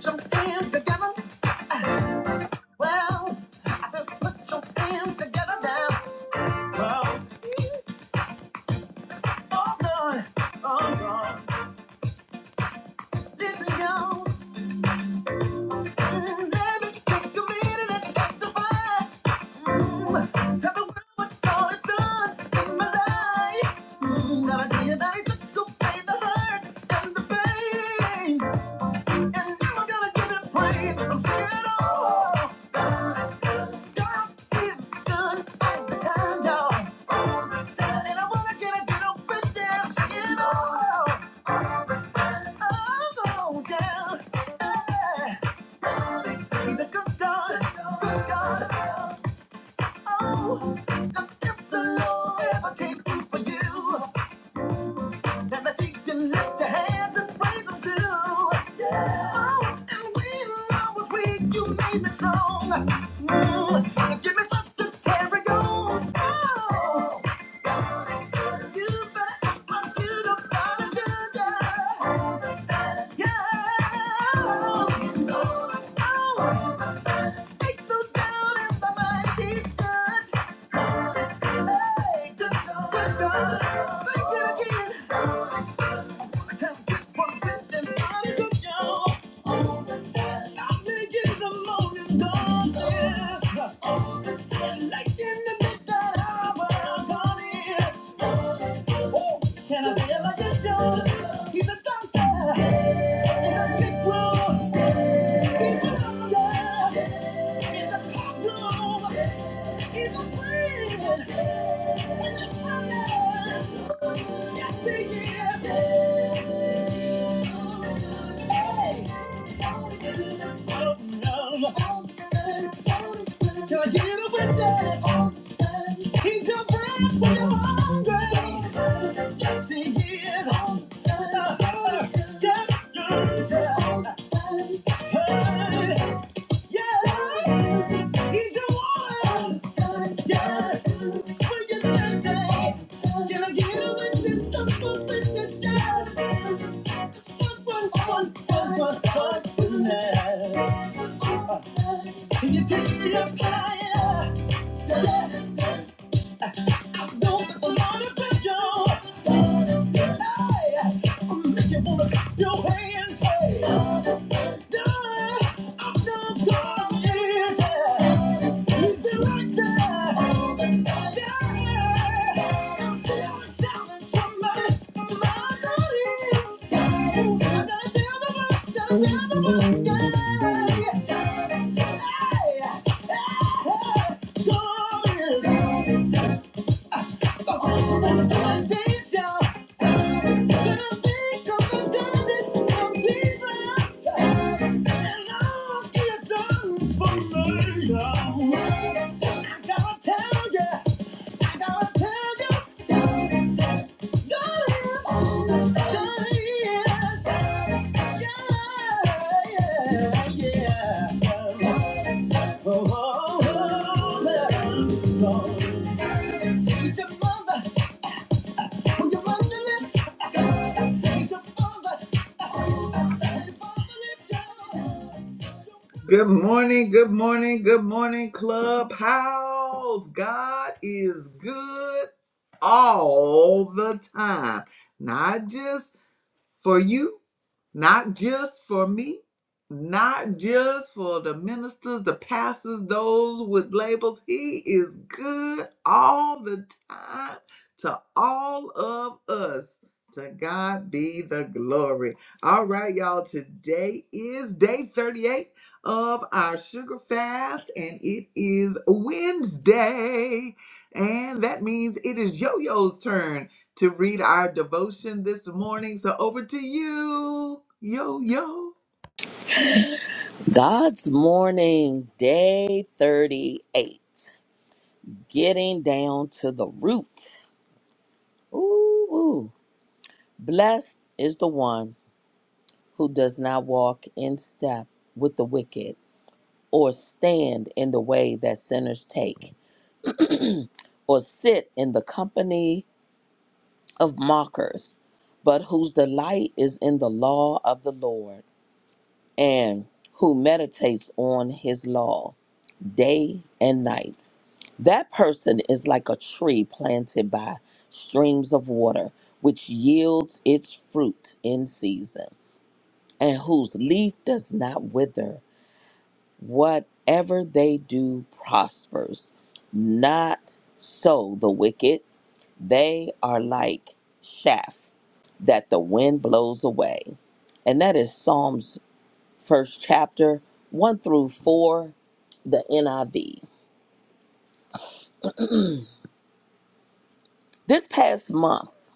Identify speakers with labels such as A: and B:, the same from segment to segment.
A: Put your together. Well, I said, put your hands together now. Well, oh God, oh God. Listen, y'all. Mm, let me take a minute and testify. Mm, tell the world what God has done in my life. Mm, gotta tell you that it took away the hurt and the pain. And never gonna give it praise. I'm scared of God God is good all the time, y'all. And I wanna get a good old good damn skin off. Oh, yeah. Yeah. God He's a good God. Good God. Oh, if the Lord ever came through for you. Let me see you lift your hands and praise them too. Yeah. Oh, And when I was weak, you made me strong. Mm. You give me such a carry on. Oh, God is good. You better act like you don't find a good. guy. Can I say it like it's yours? He's a doctor in the sick room, he's a doctor, in the courtroom, he's a friend. When you're Yes, it is. Yes, so good. Hey. Can I get a witness? He's your friend when you're hungry. Yes, he is. Yeah, yeah, yeah. Hey. Yeah, he's your one. Yeah, when you're thirsty, can I get a witness? Just one witness, yeah. Just one, one, one, one, one, one Can you take me up higher? Yeah, I don't wanna touch your Don't make you wanna clap your hands. Hey, darling, I'm not gonna easy. Leave me like that. Yeah. Feel like shouting somebody, my God is. Gotta tell the world, gotta tell the world, yeah. Hey, hey, God is. Yeah. yeah, yeah. Oh, oh, oh, yeah. Oh. Thank your mother for your loneliness. Thank your father. Thank your father. Good morning, good morning, good morning, Clubhouse. God is good all the time, not just for you, not just for me, not just for the ministers, the pastors, those with labels. He is good all the time to all of us. To God be the glory. All right, y'all. Today is day 38 of our sugar fast, and it is Wednesday. And that means it is Yo Yo's turn to read our devotion this morning. So over to you, yo, yo.
B: God's morning, day 38. Getting down to the root. Ooh, ooh. Blessed is the one who does not walk in step with the wicked, or stand in the way that sinners take, or sit in the company of mockers, but whose delight is in the law of the Lord, and who meditates on his law. day and night. That person is like a tree planted by streams of water, which yields its fruit in season, and whose leaf does not wither. Whatever they do prospers. Not so the wicked. They are like chaff that the wind blows away. And that is Psalms first chapter 1 through 4, the NIV. This past month,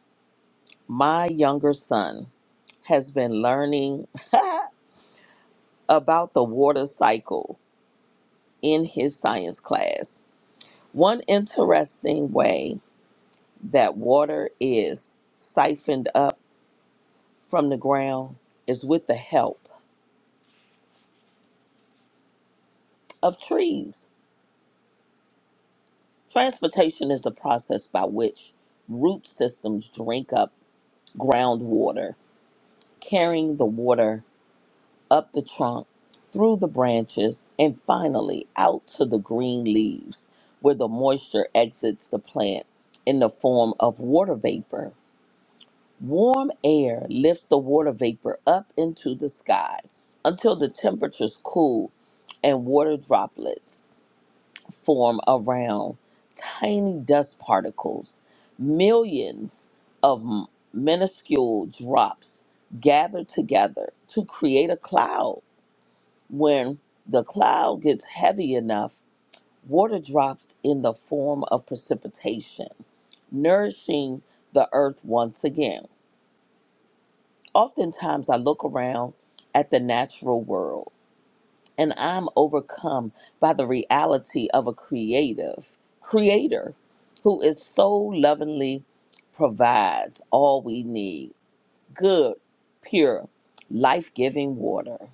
B: my younger son has been learning about the water cycle in his science class. One interesting way that water is siphoned up from the ground is with the help of trees. Transportation is the process by which root systems drink up groundwater, carrying the water up the trunk, through the branches, and finally out to the green leaves, where the moisture exits the plant in the form of water vapor. Warm air lifts the water vapor up into the sky until the temperatures cool and water droplets form around tiny dust particles. Millions of m- minuscule drops gather together to create a cloud when the cloud gets heavy enough, water drops in the form of precipitation, nourishing the earth once again. Oftentimes, I look around at the natural world and I'm overcome by the reality of a creative creator who is so lovingly provides all we need good, pure, life giving water.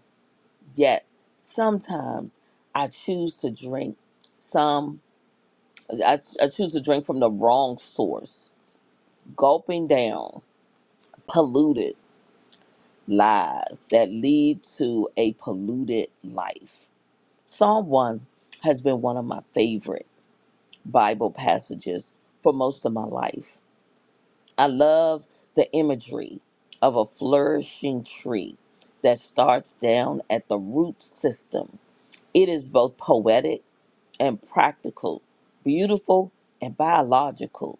B: Yet sometimes I choose to drink some, I, I choose to drink from the wrong source, gulping down polluted lies that lead to a polluted life. Psalm 1 has been one of my favorite Bible passages for most of my life. I love the imagery of a flourishing tree that starts down at the root system. It is both poetic and practical, beautiful and biological,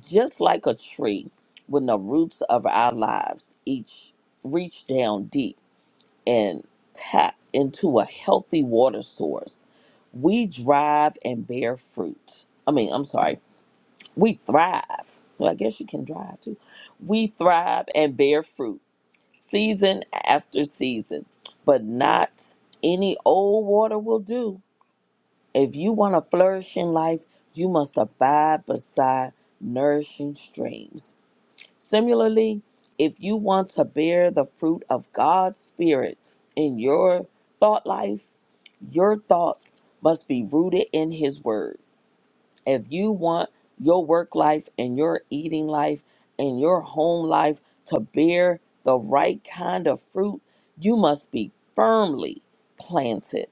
B: just like a tree when the roots of our lives each reach down deep and tap into a healthy water source. We drive and bear fruit. I mean, I'm sorry, we thrive. Well, I guess you can drive too. We thrive and bear fruit season after season, but not any old water will do if you want to flourish in life, you must abide beside nourishing streams. Similarly, if you want to bear the fruit of God's Spirit in your thought life, your thoughts must be rooted in His Word. If you want your work life and your eating life and your home life to bear the right kind of fruit, you must be firmly planted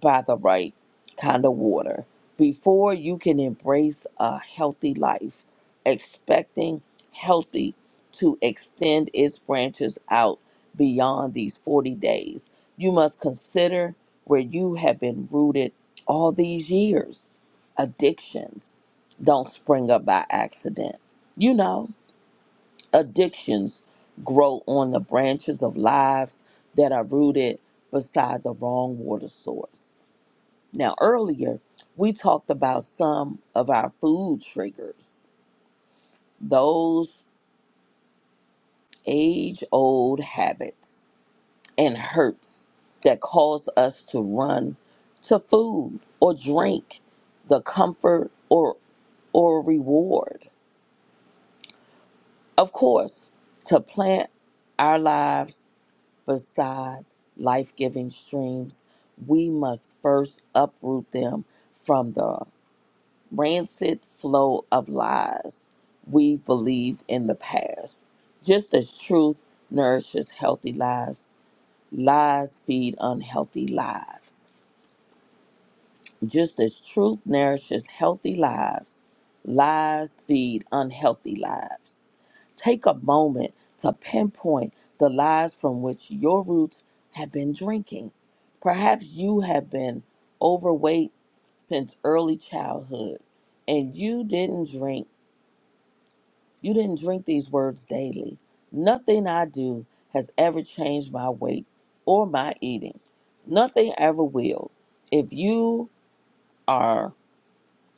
B: by the right kind of water before you can embrace a healthy life, expecting healthy to extend its branches out beyond these 40 days. You must consider where you have been rooted all these years. Addictions don't spring up by accident. You know, addictions grow on the branches of lives that are rooted beside the wrong water source now, earlier, we talked about some of our food triggers, those age old habits and hurts that cause us to run to food or drink, the comfort or, or reward. Of course, to plant our lives beside life giving streams, we must first uproot them from the rancid flow of lies we've believed in the past. Just as truth nourishes healthy lives, lies feed unhealthy lives. Just as truth nourishes healthy lives, lies feed unhealthy lives. Take a moment to pinpoint the lies from which your roots have been drinking. Perhaps you have been overweight since early childhood and you didn't drink, you didn't drink these words daily. Nothing I do has ever changed my weight or my eating. Nothing ever will. If you are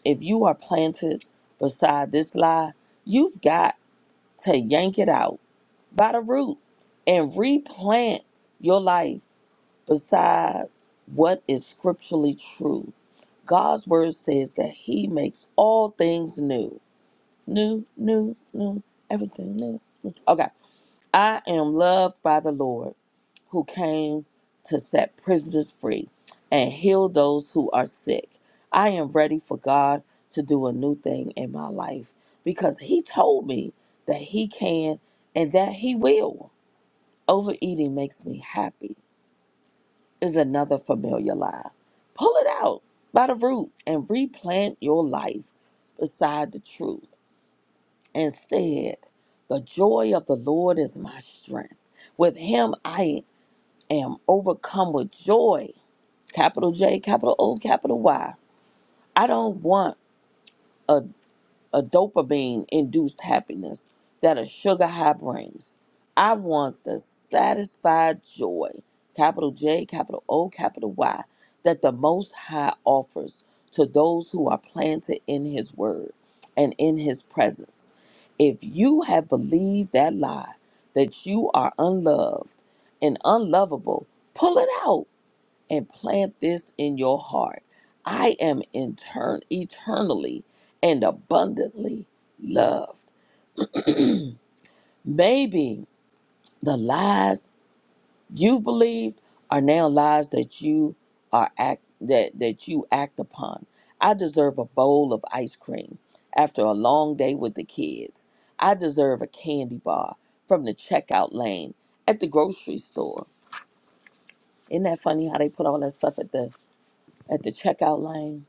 B: if you are planted beside this lie, you've got to yank it out by the root and replant your life beside what is scripturally true. God's word says that He makes all things new. New, new, new, everything new. Okay. I am loved by the Lord who came to set prisoners free and heal those who are sick. I am ready for God to do a new thing in my life because He told me that He can and that He will. Overeating makes me happy, is another familiar lie. Pull it out by the root and replant your life beside the truth and said, The joy of the Lord is my strength. With him I am overcome with joy. Capital J, capital O, capital Y. I don't want a a dopamine induced happiness that a sugar high brings. I want the satisfied joy, capital J, capital O, capital Y, that the Most High offers to those who are planted in His Word and in His presence. If you have believed that lie, that you are unloved and unlovable, pull it out and plant this in your heart. I am intern- eternally and abundantly loved. Maybe the lies you've believed are now lies that you are act that, that you act upon. I deserve a bowl of ice cream after a long day with the kids. I deserve a candy bar from the checkout lane at the grocery store. Isn't that funny how they put all that stuff at the at the checkout lane?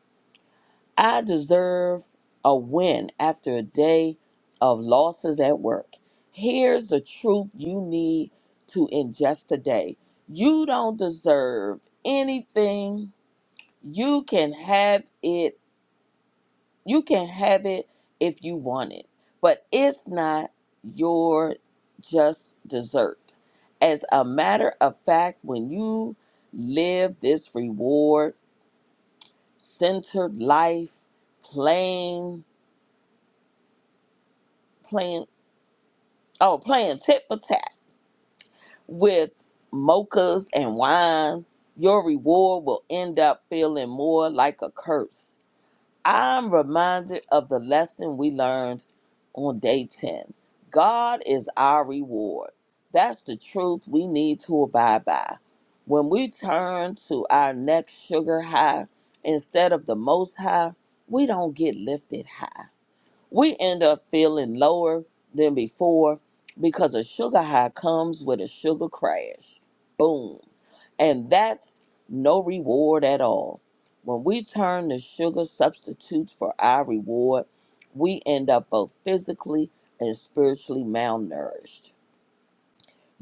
B: I deserve a win after a day of losses at work. Here's the truth you need to ingest today. You don't deserve anything. You can have it. You can have it if you want it, but it's not your just dessert. As a matter of fact, when you live this reward centered life, playing, playing oh, playing tit for tat with mochas and wine, your reward will end up feeling more like a curse. I'm reminded of the lesson we learned on day 10 God is our reward. That's the truth we need to abide by. When we turn to our next sugar high instead of the most high, we don't get lifted high we end up feeling lower than before because a sugar high comes with a sugar crash. Boom. And that's no reward at all. When we turn to sugar substitutes for our reward, we end up both physically and spiritually malnourished.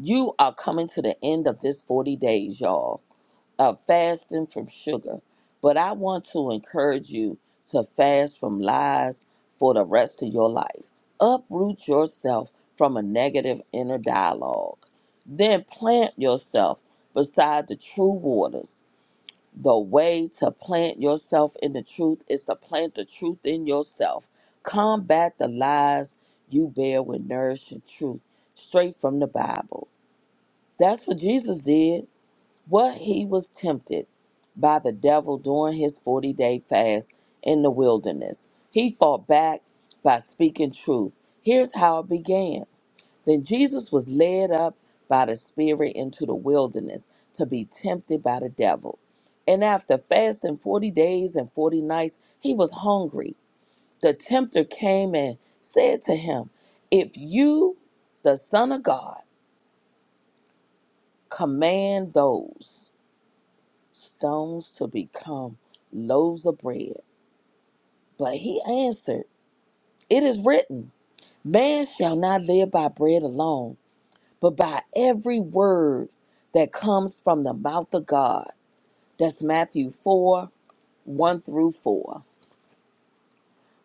B: You are coming to the end of this 40 days, y'all uh, fasting from sugar, but I want to encourage you to fast from lies for the rest of your life. Uproot yourself from a negative inner dialogue. Then plant yourself beside the true waters. The way to plant yourself in the truth is to plant the truth in yourself. Combat the lies you bear with nourishing truth straight from the Bible. That's what Jesus did what he was tempted by the devil during his 40 day fast in the wilderness. He fought back by speaking truth. Here's how it began. Then Jesus was led up by the Spirit into the wilderness to be tempted by the devil. And after fasting 40 days and 40 nights, he was hungry. The tempter came and said to him, If you, the Son of God, command those. stones to become loaves of bread. But he answered, It is written, Man shall not live by bread alone, but by every word that comes from the mouth of God. That's Matthew 4 1 through 4.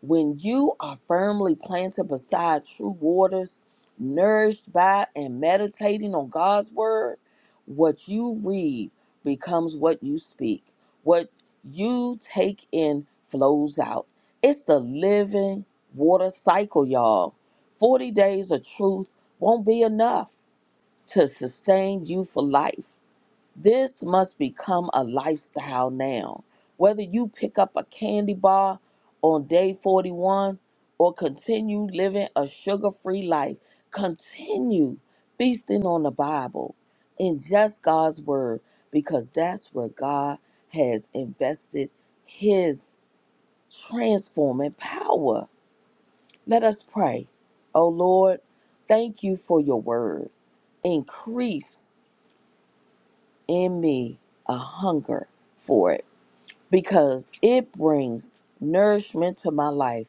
B: When you are firmly planted beside true waters, nourished by and meditating on God's word, what you read becomes what you speak. What you take in flows out. It's the living water cycle, y'all. 40 days of truth won't be enough to sustain you for life. This must become a lifestyle now. Whether you pick up a candy bar on day 41 or continue living a sugar free life, continue feasting on the Bible and just God's Word because that's where God has invested His transforming power. Let us pray. Oh Lord, thank you for your Word. Increase in me a hunger for it because it brings nourishment to my life.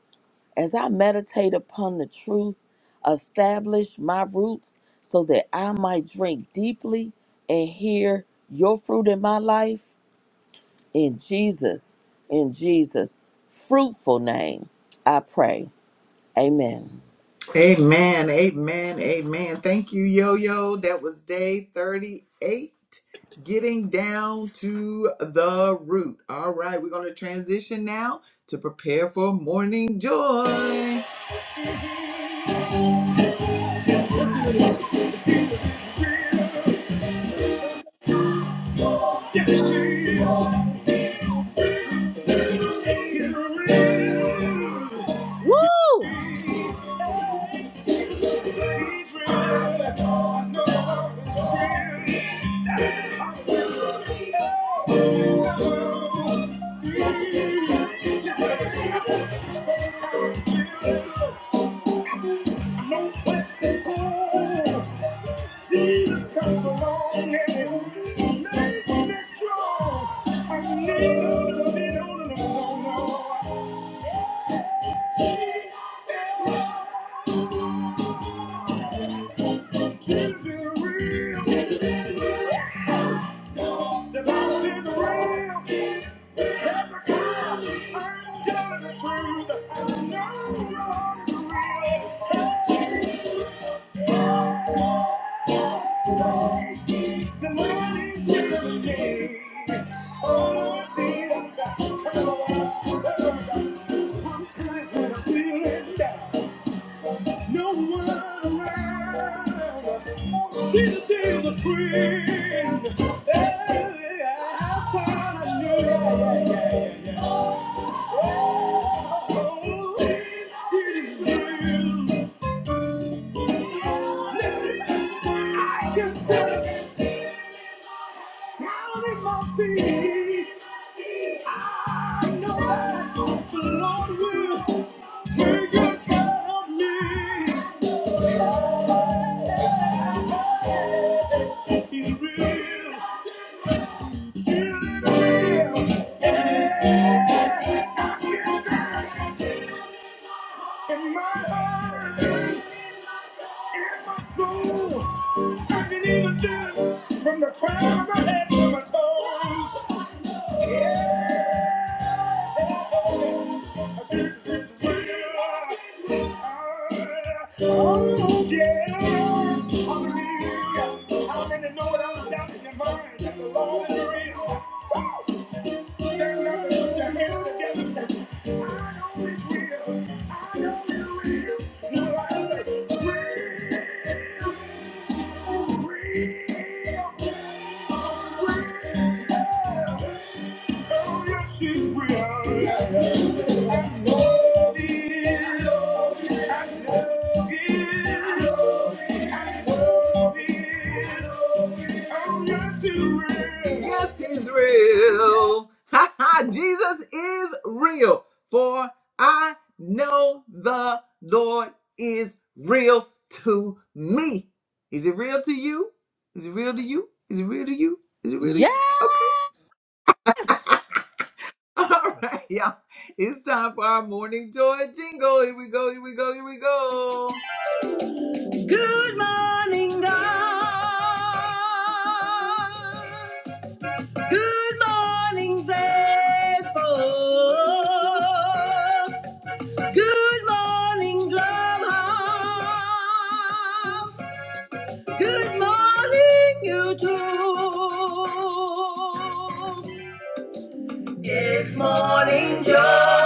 B: As I meditate upon the truth, establish my roots so that I might drink deeply and hear your fruit in my life. In Jesus, in Jesus' fruitful name, I pray. Amen.
A: Amen, amen, amen. Thank you, yo, yo. That was day 38, getting down to the root. All right, we're going to transition now to prepare for morning joy. Yes,
B: Woo!
A: The money to me. Oh, Jesus. Come on. One time when I'm feeling down, no one around. She's still a friend. Hey, I found a new love. Oh, she's real. Listen, I can feel it down in my feet. I know that the Lord will take good care of me. He's real. He's real. In my heart, in my soul, I can even feel it from the crown of my head to my toes. Yeah, I feel it, feel it. Oh, yes. Hallelujah. How many know it all down in your mind that the Lord is real? put your hands together. I know it's real. I know it's real. Will I say real, real, real? Oh, yes, she's real. And love is, and love is, and love is. Oh, yes, he's real. Yes, he's real. Ha ha, Jesus is real. For I know the Lord is real to me. Is it real to you? Is it real to you? Is it real to you? Is it
B: Yeah.
A: really? Okay. All right, y'all. It's time for our morning joy jingle. Here we go, here we go, here we go. Good morning, God. Good morning, Facebook. Good morning, Clubhouse. Good morning, YouTube. It's morning joy.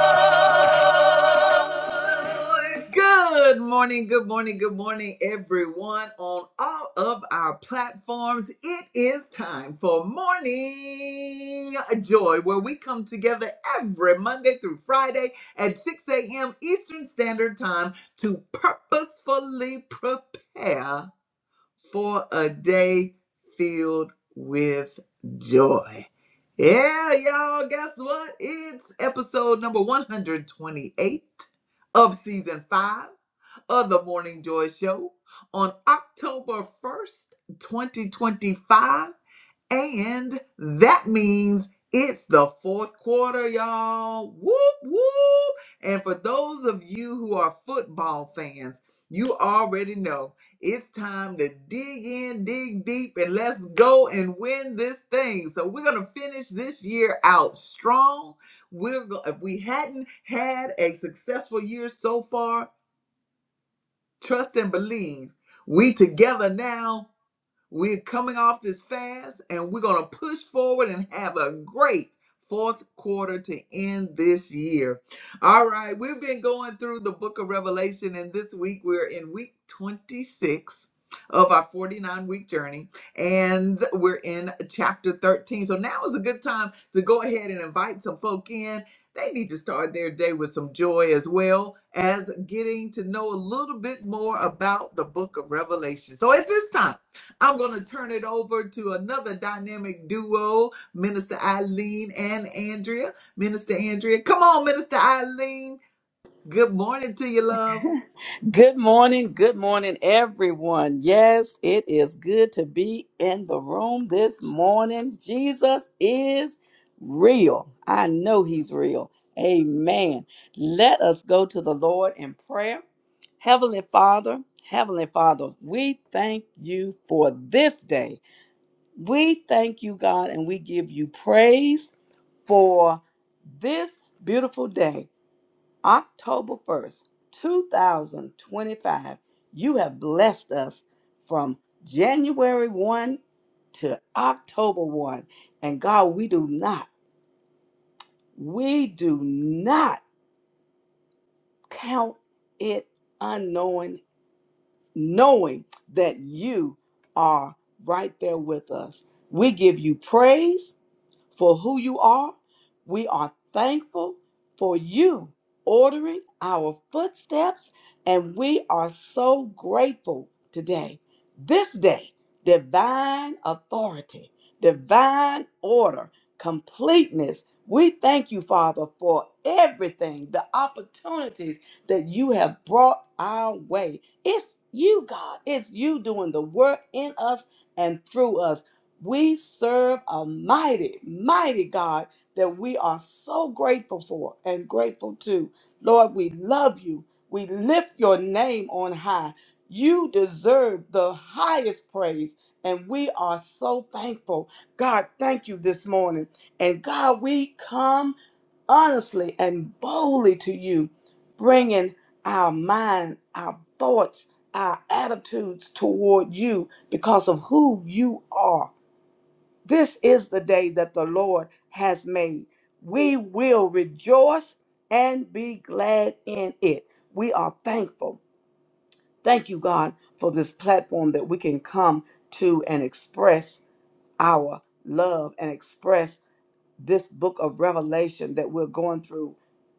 A: Good morning, good morning, good morning, everyone on all of our platforms. It is time for morning joy, where we come together every Monday through Friday at 6 a.m. Eastern Standard Time to purposefully prepare for a day filled with joy. Yeah, y'all, guess what? It's episode number 128 of season five of the Morning Joy Show on October 1st, 2025. And that means it's the fourth quarter, y'all. Whoop, whoop. And for those of you who are football fans, you already know it's time to dig in, dig deep, and let's go and win this thing. So we're gonna finish this year out strong. We're go- if we hadn't had a successful year so far, trust and believe. We together now we're coming off this fast and we're going to push forward and have a great fourth quarter to end this year. All right, we've been going through the book of Revelation, and this week we're in week 26 of our 49 week journey, and we're in chapter 13. So now is a good time to go ahead and invite some folk in. They need to start their day with some joy as well as getting to know a little bit more about the book of Revelation. So at this time, I'm going to turn it over to another dynamic duo, Minister Eileen and Andrea. Minister Andrea, come on, Minister Eileen. Good morning to you, love.
C: Good morning, good morning, everyone. Yes, it is good to be in the room this morning. Jesus is real. I know he's real. Amen. Let us go to the Lord in prayer. Heavenly Father, Heavenly Father, we thank you for this day. We thank you, God, and we give you praise for this beautiful day. October 1st, 2025. You have blessed us from January 1 to October 1. And God, we do not, we do not count it unknowing, knowing that you are right there with us. We give you praise. for who you are. We are thankful for you ordering our footsteps, and we are so grateful today. This day, divine authority, divine order, completeness. We thank you, Father, for everything, the opportunities that you have brought our way. It's you, God. It's you doing the work in us and through us. We serve a mighty, mighty God that we are so grateful for and grateful to. Lord, we love you. We lift your name on high. You deserve the highest praise, and we are so thankful. God, thank you this morning. And God, we come honestly and boldly to you, bringing our mind, our thoughts, our attitudes toward you because of who you are. This is the day that the Lord has made. We will rejoice and be glad in it. We are thankful. Thank you, God, for this platform that we can come to and express our love and express this book of Revelation that we're going through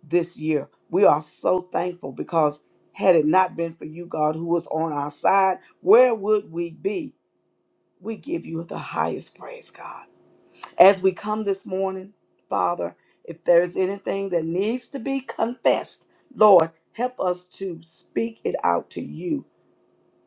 C: this year. We are so thankful because had it not been for you, God, who was on our side, where would we be? We give you the highest praise, God. As we come this morning, Father, if there is anything that needs to be confessed, Lord, help us to speak it out to you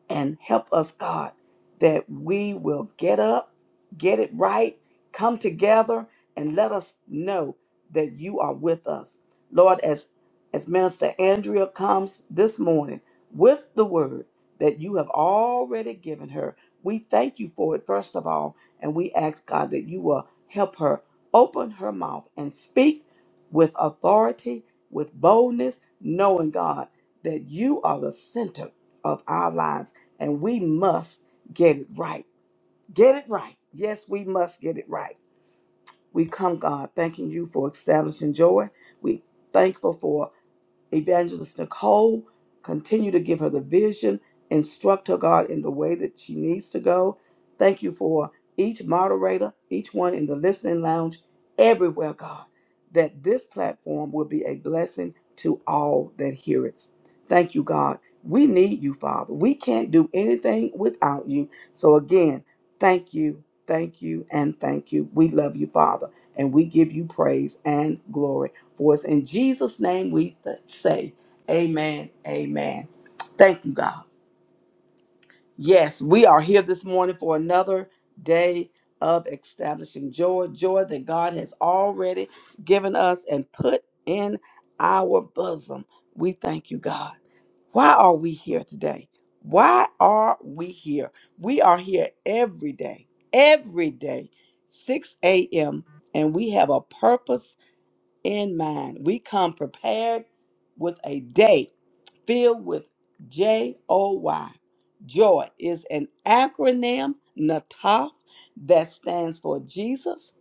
C: and help us, God, that we will get up, get it right, come together, and let us know that you are with us. Lord, as, as Minister Andrea comes this morning with the word that you have already given her, we thank you for it, first of all, and we ask, God, that you will help her open her mouth and speak with authority, with boldness, knowing, God, that you are the center of our lives and we must get it right. Get it right. Yes, we must get it right. We come, God, thanking you for establishing joy. We thankful for Evangelist Nicole, continue to give her the vision, instruct her, God, in the way that she needs to go. Thank you for each moderator, each one in the listening lounge, everywhere, God, that this platform will be a blessing to all that hear it. Thank you, God. We need you, Father. We can't do anything without you. So, again, thank you, thank you, and thank you. We love you, Father, and we give you praise and glory. For it's in Jesus' name we th- say, Amen, Amen. Thank you, God. Yes, we are here this morning for another day of establishing joy, joy that God has already given us and put in our bosom. We thank you, God. Why are we here today? Why are we here? We are here every day, every day, 6 a.m., and we have a purpose in mind. We come prepared with a day filled with J O Y. Joy is an acronym, NATAF, that stands for Jesus,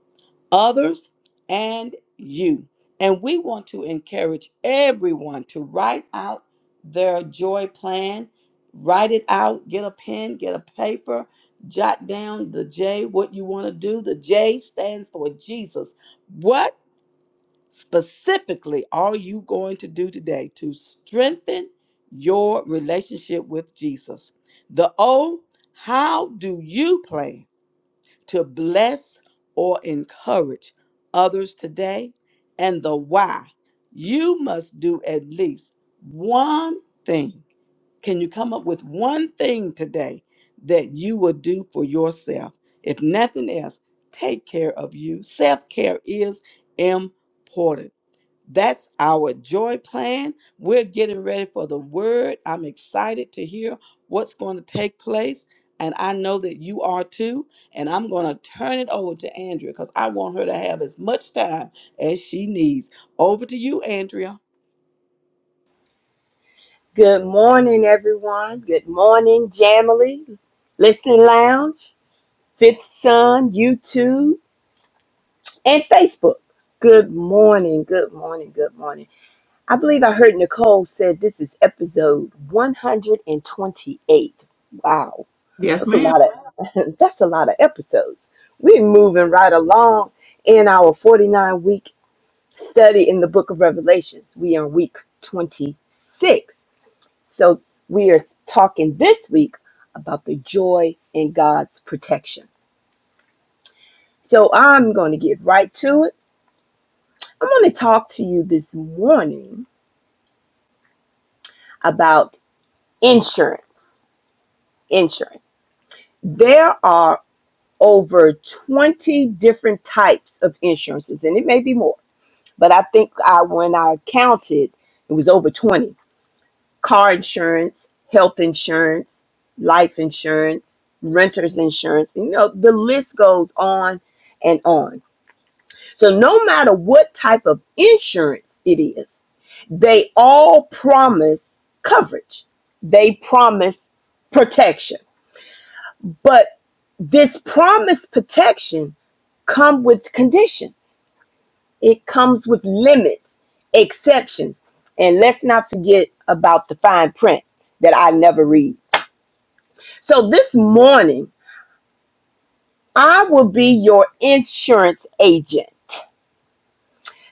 C: others, and you. And we want to encourage everyone to write out their joy plan. Write it out, get a pen, get a paper, jot down the J, what you want to do. The J stands for Jesus. What Specifically, are you going to do today to strengthen your relationship with Jesus? The O, how do you plan to bless or encourage others today? And the why, you must do at least one thing. Can you come up with one thing today that you will do for yourself? If nothing else, take care of you. Self care is important. That's our joy plan. We're getting ready for the word. I'm excited to hear what's going to take place. And I know that you are too. And I'm going to turn it over to Andrea because I want her to have as much time as she needs. Over to you, Andrea.
D: Good morning, everyone. Good morning, Jamily, Listening Lounge, Fifth Sun, YouTube, and Facebook. Good morning, good morning, good morning. I believe I heard Nicole said this is episode 128. Wow,
A: Yes,
D: that's a
A: ma'am.
D: lot of that's a lot of episodes. We're moving right along in our 49 week study in the book of Revelations. We are week 26. So we are talking this week about the joy in God's protection. So I'm going to get right to it. I'm going to talk to you this morning about insurance. Insurance. There are over 20 different types of insurances, and it may be more, but I think I, when I counted, it was over 20 car insurance, health insurance, life insurance, renter's insurance. You know, the list goes on and on. So, no matter what type of insurance it is, they all promise coverage, they promise protection. But this promised protection comes with conditions. It comes with limits, exceptions, and let's not forget about the fine print that I never read. So this morning, I will be your insurance agent.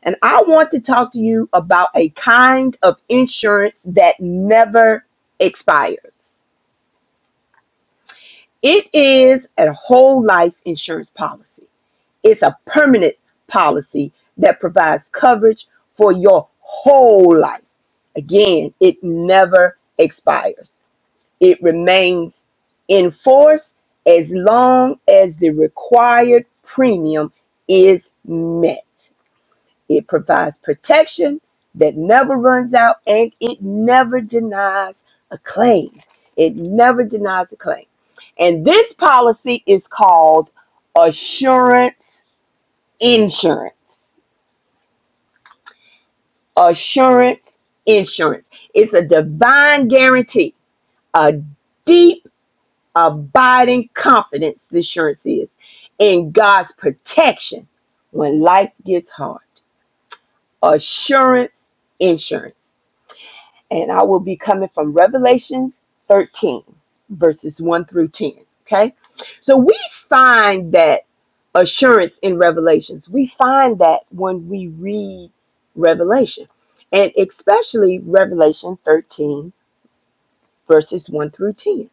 D: And I want to talk to you about a kind of insurance that never expires. It is a whole life insurance policy, it's a permanent policy that provides coverage for your whole life. Again, it never expires. It remains in force as long as the required premium is met. It provides protection that never runs out and it never denies a claim. It never denies a claim. And this policy is called assurance insurance. Assurance insurance. It's a divine guarantee, a deep. abiding confidence the assurance is in God's protection when life gets hard. Assurance insurance. And I will be coming from Revelation 13, verses 1 through 10. Okay? So we find that assurance in Revelations. We find that when we read Revelation, and especially Revelation 13, verses 1 through 10.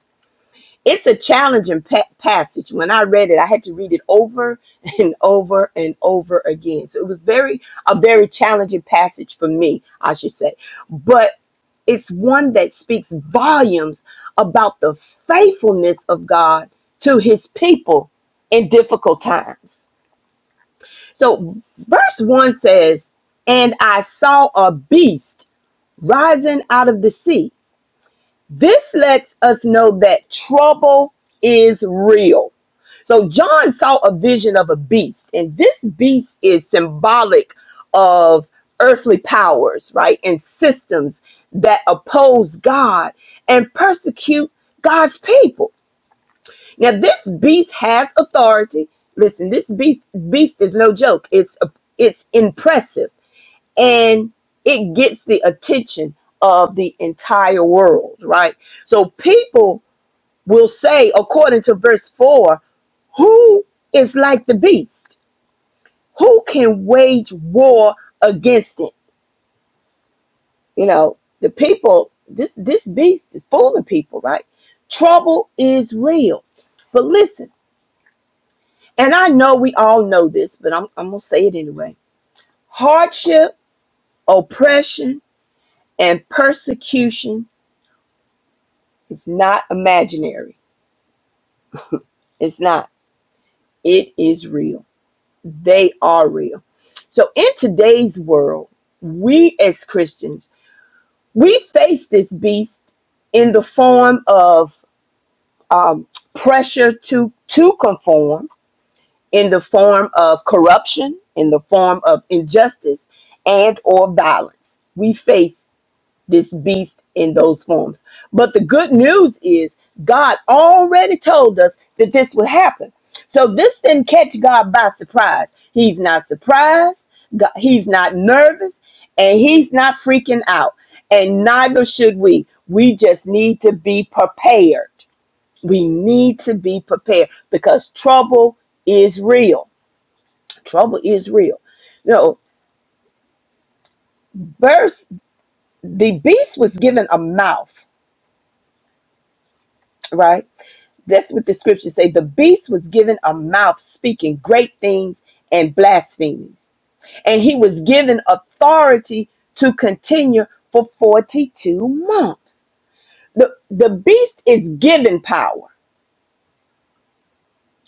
D: it's a challenging pa- passage. When I read it, I had to read it over and over and over again. So it was very a very challenging passage for me, I should say. But it's one that speaks volumes about the faithfulness of God to his people in difficult times. So verse 1 says, "And I saw a beast rising out of the sea." This lets us know that trouble is real. So John saw a vision of a beast, and this beast is symbolic of earthly powers, right? And systems that oppose God and persecute God's people. Now, this beast has authority. Listen, this beast, beast is no joke. It's it's impressive and it gets the attention of the entire world, right? So people will say, according to verse 4, who is like the beast? Who can wage war against it? You know, the people, this, this beast is fooling people, right? Trouble is real. But listen, and I know we all know this, but I'm, I'm going to say it anyway hardship, oppression, and persecution It's not imaginary. It's not. It is real. They are real. So in today's world, we as Christians, we face this beast in the form of um, pressure to to conform, in the form of corruption, in the form of injustice and or violence. We face this beast in those forms. But the good news is God already told us that this would happen. So this didn't catch God by surprise. He's not surprised, Go- he's not nervous, and he's not freaking out. And neither should we. We just need to be prepared. We need to be prepared because trouble is real. Trouble is real. You know, verse the beast was given a mouth, right? That's what the scriptures say. The beast was given a mouth speaking great things and blasphemies. And he was given authority to continue for 42 months. The, the beast is given power.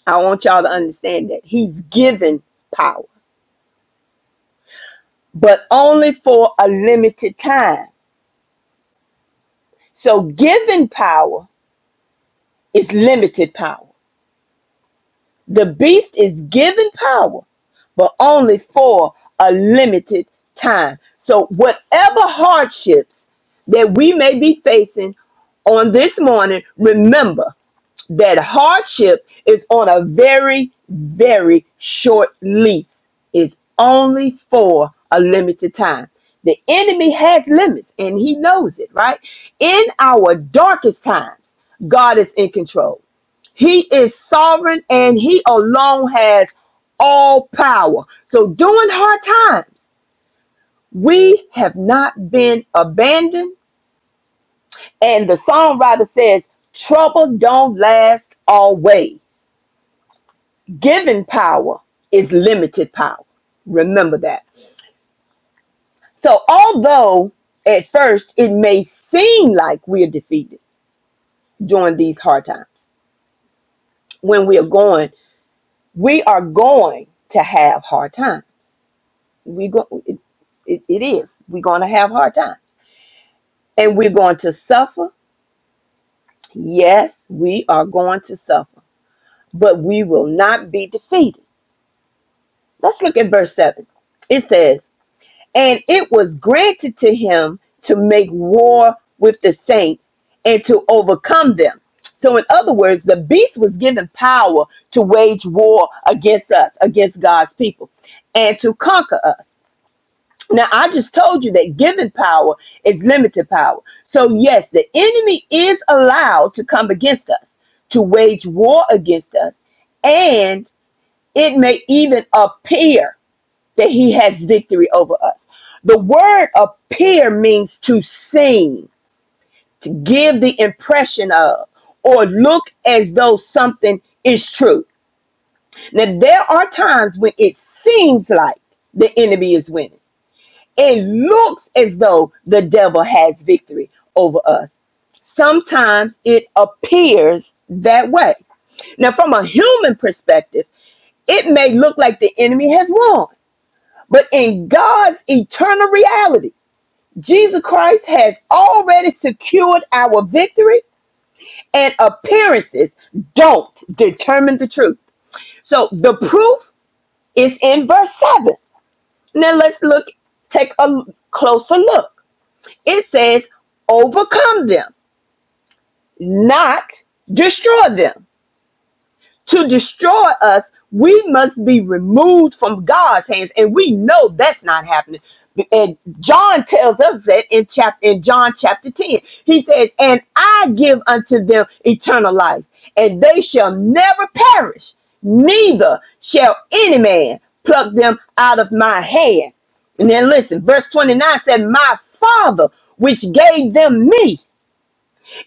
D: I want y'all to understand that. He's given power, but only for a limited time. So, given power is limited power. The beast is given power, but only for a limited time. So, whatever hardships that we may be facing on this morning, remember that hardship is on a very, very short leash. It's only for a limited time. The enemy has limits and he knows it, right? In our darkest times, God is in control. He is sovereign and he alone has all power. So during hard times, we have not been abandoned. And the songwriter says, trouble don't last always. Given power is limited power. Remember that. So although at first it may seem like we're defeated during these hard times, when we are going, we are going to have hard times. we go it, it, it is we're going to have hard times, and we're going to suffer yes we are going to suffer but we will not be defeated let's look at verse 7 it says and it was granted to him to make war with the saints and to overcome them so in other words the beast was given power to wage war against us against god's people and to conquer us Now, I just told you that given power is limited power. So, yes, the enemy is allowed to come against us, to wage war against us, and it may even appear that he has victory over us. The word appear means to seem, to give the impression of, or look as though something is true. Now, there are times when it seems like the enemy is winning it looks as though the devil has victory over us. Sometimes it appears that way. Now, from a human perspective, it may look like the enemy has won, but in God's eternal reality, Jesus Christ has already secured our victory, and appearances don't determine the truth. So the proof is in verse 7. Now, let's look, take a closer look. It says, overcome them, not destroy them. To destroy us, we must be removed from God's hands. And we know that's not happening. And John tells us that in chapter in John chapter 10. He says, And I give unto them eternal life, and they shall never perish, neither shall any man pluck them out of my hand. And then listen, verse 29 said, My father, which gave them me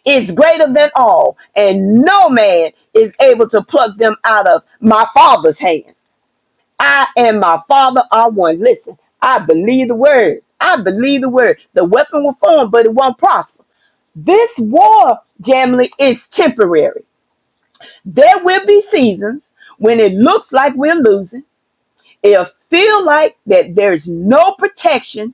D: is greater than all, and no man is able to pluck them out of my Father's hand. I and my Father are one. Listen, I believe the word. I believe the word. The weapon will form, but it won't prosper. This war, Jamily, is temporary. There will be seasons when it looks like we're losing. It'll feel like that there's no protection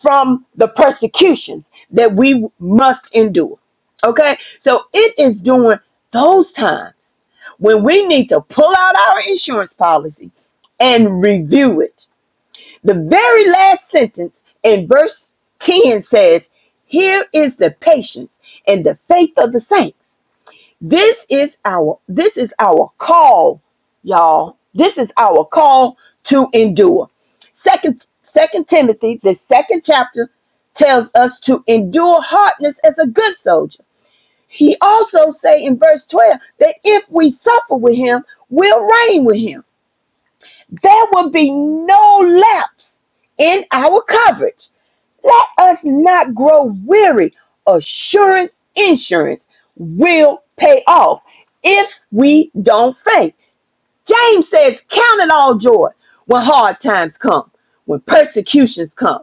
D: from the persecutions that we must endure. Okay? So it is during those times when we need to pull out our insurance policy and review it. The very last sentence in verse 10 says, Here is the patience and the faith of the saints. This is our this is our call, y'all. This is our call to endure. Second Second Timothy, the second chapter, tells us to endure hardness as a good soldier. He also say in verse 12 that if we suffer with him, we'll reign with him. There will be no lapse in our coverage. Let us not grow weary. Assurance insurance will pay off if we don't faint. James says, Count it all joy when hard times come, when persecutions come.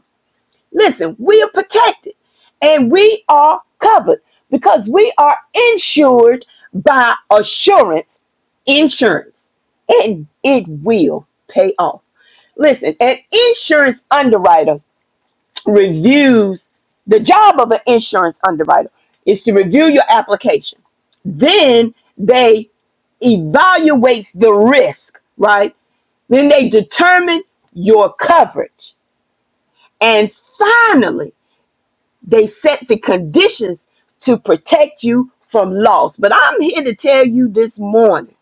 D: Listen, we are protected and we are covered because we are insured by assurance insurance and it will pay off. Listen, an insurance underwriter reviews the job of an insurance underwriter is to review your application. Then they evaluate the risk, right? Then they determine your coverage. And finally, they set the conditions to protect you from loss. But I'm here to tell you this morning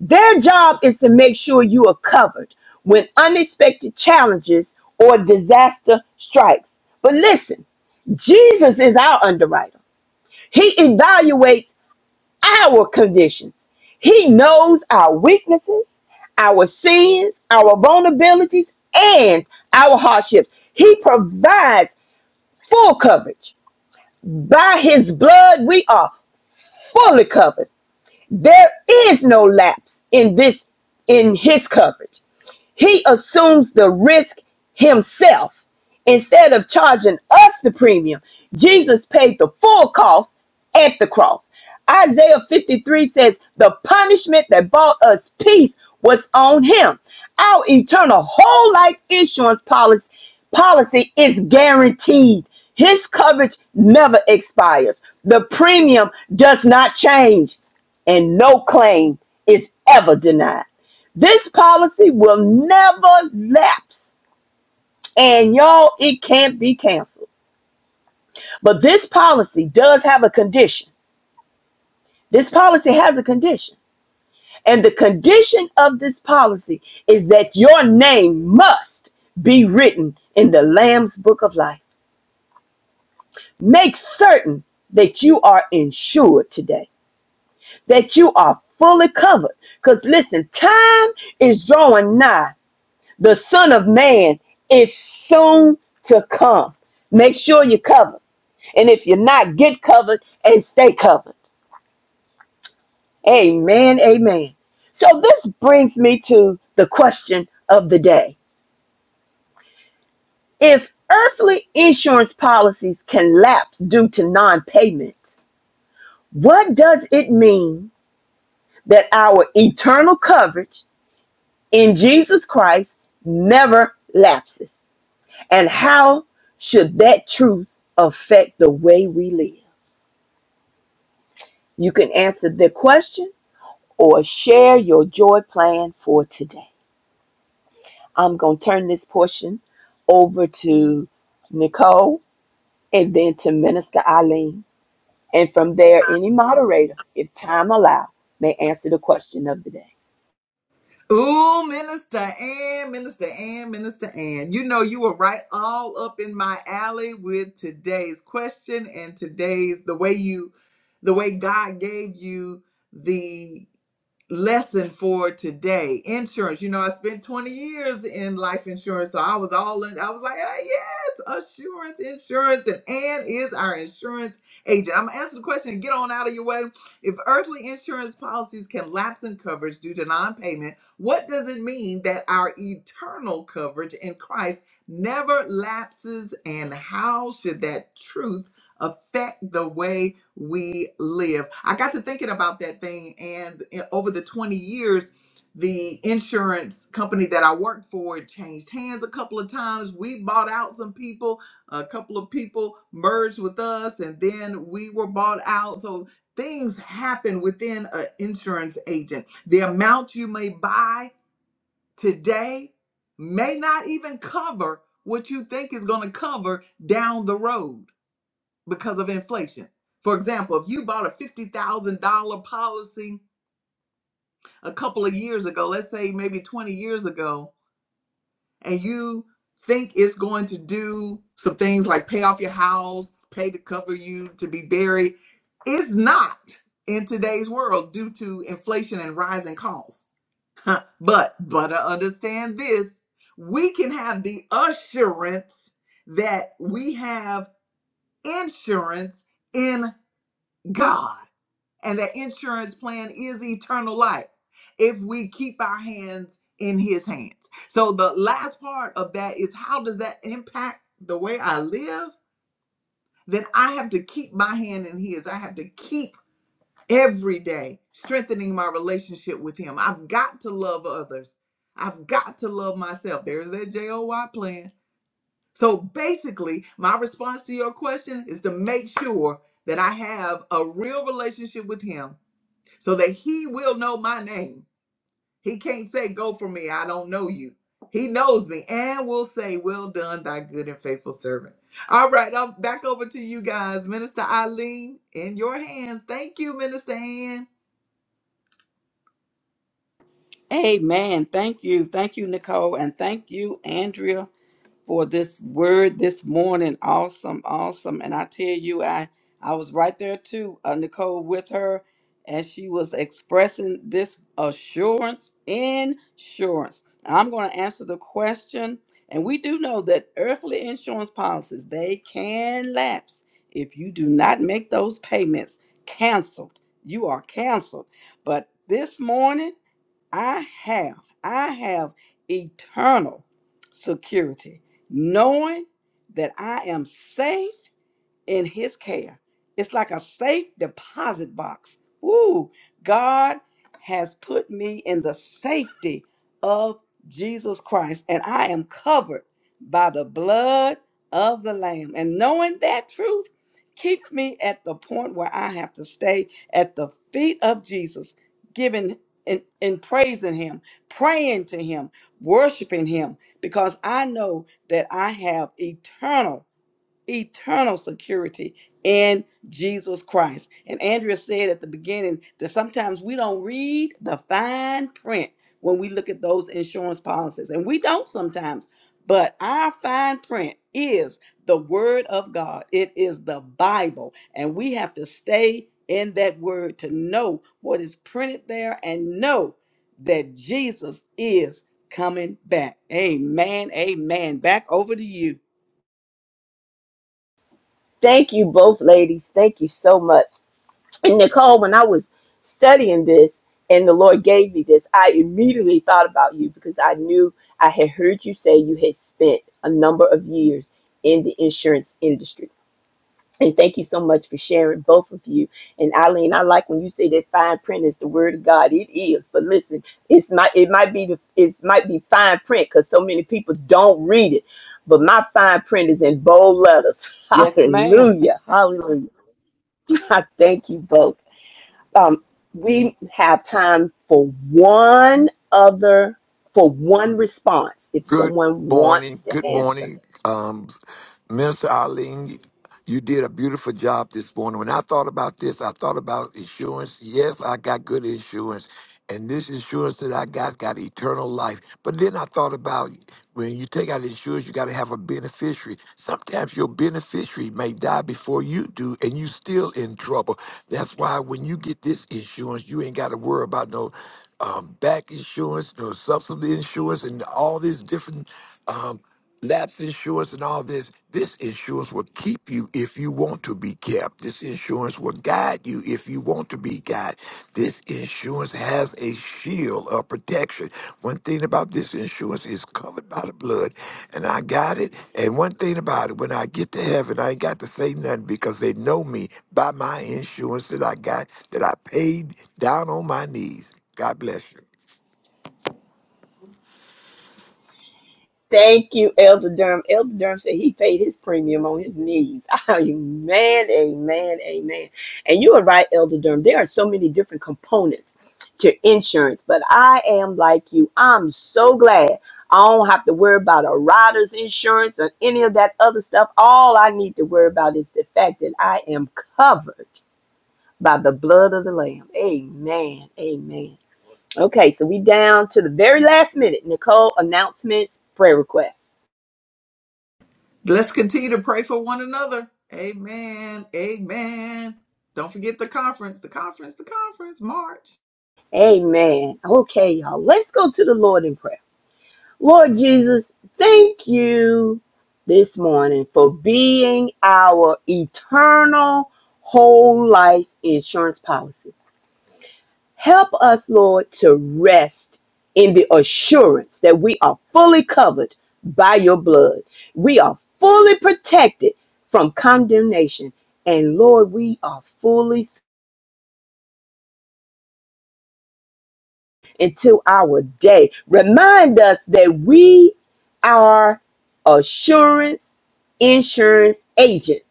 D: their job is to make sure you are covered when unexpected challenges or disaster strikes. But listen, Jesus is our underwriter. He evaluates our conditions. He knows our weaknesses, our sins, our vulnerabilities, and our hardships. He provides full coverage. By his blood, we are fully covered. There is no lapse in this in his coverage. He assumes the risk himself instead of charging us the premium. Jesus paid the full cost at the cross. Isaiah 53 says, The punishment that brought us peace was on him. Our eternal whole life insurance policy, policy is guaranteed. His coverage never expires. The premium does not change, and no claim is ever denied. This policy will never lapse, and y'all, it can't be canceled. But this policy does have a condition. This policy has a condition. And the condition of this policy is that your name must be written in the Lamb's Book of Life. Make certain that you are insured today, that you are fully covered. Because listen, time is drawing nigh the Son of Man is soon to come. Make sure you're covered. And if you're not, get covered and stay covered. Amen. Amen. So this brings me to the question of the day. If earthly insurance policies can lapse due to non payment, what does it mean that our eternal coverage in Jesus Christ never lapses? And how should that truth affect the way we live? You can answer the question or share your joy plan for today. I'm going to turn this portion over to Nicole and then to Minister Eileen. And from there, any moderator, if time allows, may answer the question of the day.
A: Ooh, Minister Ann, Minister Ann, Minister Ann. You know, you were right all up in my alley with today's question and today's the way you, the way God gave you the lesson for today insurance you know i spent 20 years in life insurance so i was all in i was like ah, yes assurance insurance and anne is our insurance agent i'm gonna answer the question and get on out of your way if earthly insurance policies can lapse in coverage due to non-payment what does it mean that our eternal coverage in christ never lapses and how should that truth affect the way we live. I got to thinking about that thing, and in- over the 20 years, the insurance company that I worked for it changed hands a couple of times. We bought out some people, a couple of people merged with us, and then we were bought out. So things happen within an insurance agent. The amount you may buy today may not even cover what you think is going to cover down the road because of inflation. For example, if you bought a $50,000 policy a couple of years ago, let's say maybe 20 years ago, and you think it's going to do some things like pay off your house, pay to cover you to be buried, it's not in today's world due to inflation and rising costs. Huh. but but to understand this, we can have the assurance that we have insurance in God. and that insurance plan is eternal life if we keep our hands in his hands. So the last part of that is how does that impact the way I live? Then I have to keep my hand in his. I have to keep every day strengthening my relationship with him. I've got to love others. I've got to love myself. There's that J O Y plan. So basically, my response to your question is to make sure that I have a real relationship with him so that he will know my name. He can't say, Go for me, I don't know you. He knows me and will say, Well done, thy good and faithful servant. All right, I'm back over to you guys. Minister Eileen, in your hands. Thank you, Minister Ann.
C: Amen. Thank you. Thank you, Nicole. And thank you, Andrea, for this word this morning. Awesome, awesome. And I tell you, I I was right there too, uh, Nicole, with her, and she was expressing this assurance, insurance. I'm going to answer the question, and we do know that earthly insurance policies they can lapse if you do not make those payments. Canceled. You are canceled. But this morning. I have, I have eternal security, knowing that I am safe in his care. It's like a safe deposit box. Ooh, God has put me in the safety of Jesus Christ, and I am covered by the blood of the Lamb. And knowing that truth keeps me at the point where I have to stay at the feet of Jesus, giving and, and praising Him, praying to Him, worshiping Him, because I know that I have eternal eternal security in Jesus Christ. And Andrea said at the beginning that sometimes we don't read the fine print when we look at those insurance policies, and we don't sometimes, but our fine print is the Word of God, it is the Bible, and we have to stay in that Word to know what is printed there and know that Jesus is coming back. Amen. Amen. Back over to you.
D: Thank you both, ladies. Thank you so much. And Nicole, when I was studying this and the Lord gave me this, I immediately thought about you because I knew I had heard you say you had spent a number of years in the insurance industry. And thank you so much for sharing both of you. And Eileen, I like when you say that fine print is the word of God. It is, but listen, it's not. It might be. the- It might be fine print because so many people don't read it. But my fine print is in bold letters.
C: Yes, ma'am.
D: Hallelujah. Hallelujah. I thank you both um, we have time for one other, for one response if
E: Good
D: someone wants
E: morning.
D: to
E: Good
D: answer.
E: morning. Um, Minister Arlene, you did a beautiful job this morning. When I thought about this, I thought about insurance. Yes, I got good insurance. And this insurance that I got got eternal life. But then I thought about when you take out insurance, you got to have a beneficiary. Sometimes your beneficiary may die before you do, and you still in trouble. That's why when you get this insurance, you ain't got to worry about no um, back insurance, no subsidy insurance, and all these different um, lapse insurance and all this. This insurance will keep you if you want to be kept. This insurance will guide you if you want to be guided. This insurance has a shield of protection. One thing about this insurance is covered by the blood, and I got it. And one thing about it, when I get to heaven, I ain't got to say nothing because they know me by my insurance that I got, that I paid down on my knees. God bless you.
D: Thank you, Elder Durham. Elder Durham said he paid his premium on his knees. Amen, amen, amen. And you are right, Elder Durham. There are so many different components to insurance, but I am like you. I'm so glad I don't have to worry about a rider's insurance or any of that other stuff. All I need to worry about is the fact that I am covered by the blood of the Lamb. Amen. Amen. Okay, so we down to the very last minute. Nicole, announcements, prayer requests.
A: Let's continue to pray for one another. Amen. Amen. Don't forget the conference, the conference, the conference, March.
D: Amen. Okay, y'all, let's go to the Lord in prayer. Lord Jesus, thank you this morning for being our eternal whole life insurance policy. Help us, Lord, to rest in the assurance that we are fully covered by your blood. We are fully protected from condemnation. And Lord, we are fully until our day. Remind us that we are assurance, insurance agents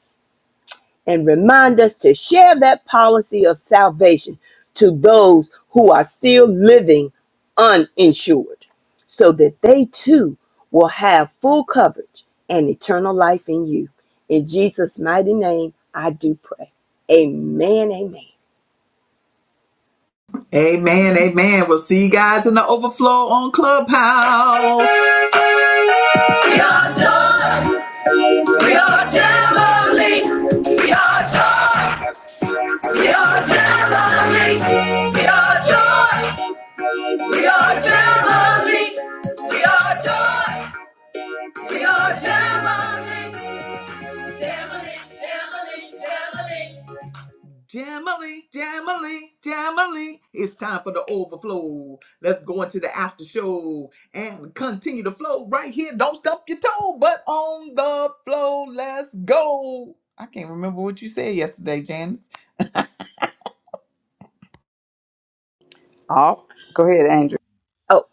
D: and remind us to share that policy of salvation to those who are still living uninsured so that they too will have full coverage and eternal life in you. In Jesus' mighty name, I do pray. Amen. Amen.
A: Amen. Amen. We'll see you guys in the overflow on Clubhouse. We are Jamboree. We are Gemini. We are joy. We are Gemini. We are joy. We are Gemini. Gemily, Gemily, Gemily. It's time for the overflow. Let's go into the after show and continue to flow right here. Don't stump your toe, but on the flow. Let's go. I can't remember what you said yesterday, Janice.
C: Oh, go ahead, Andrew.
D: Oh,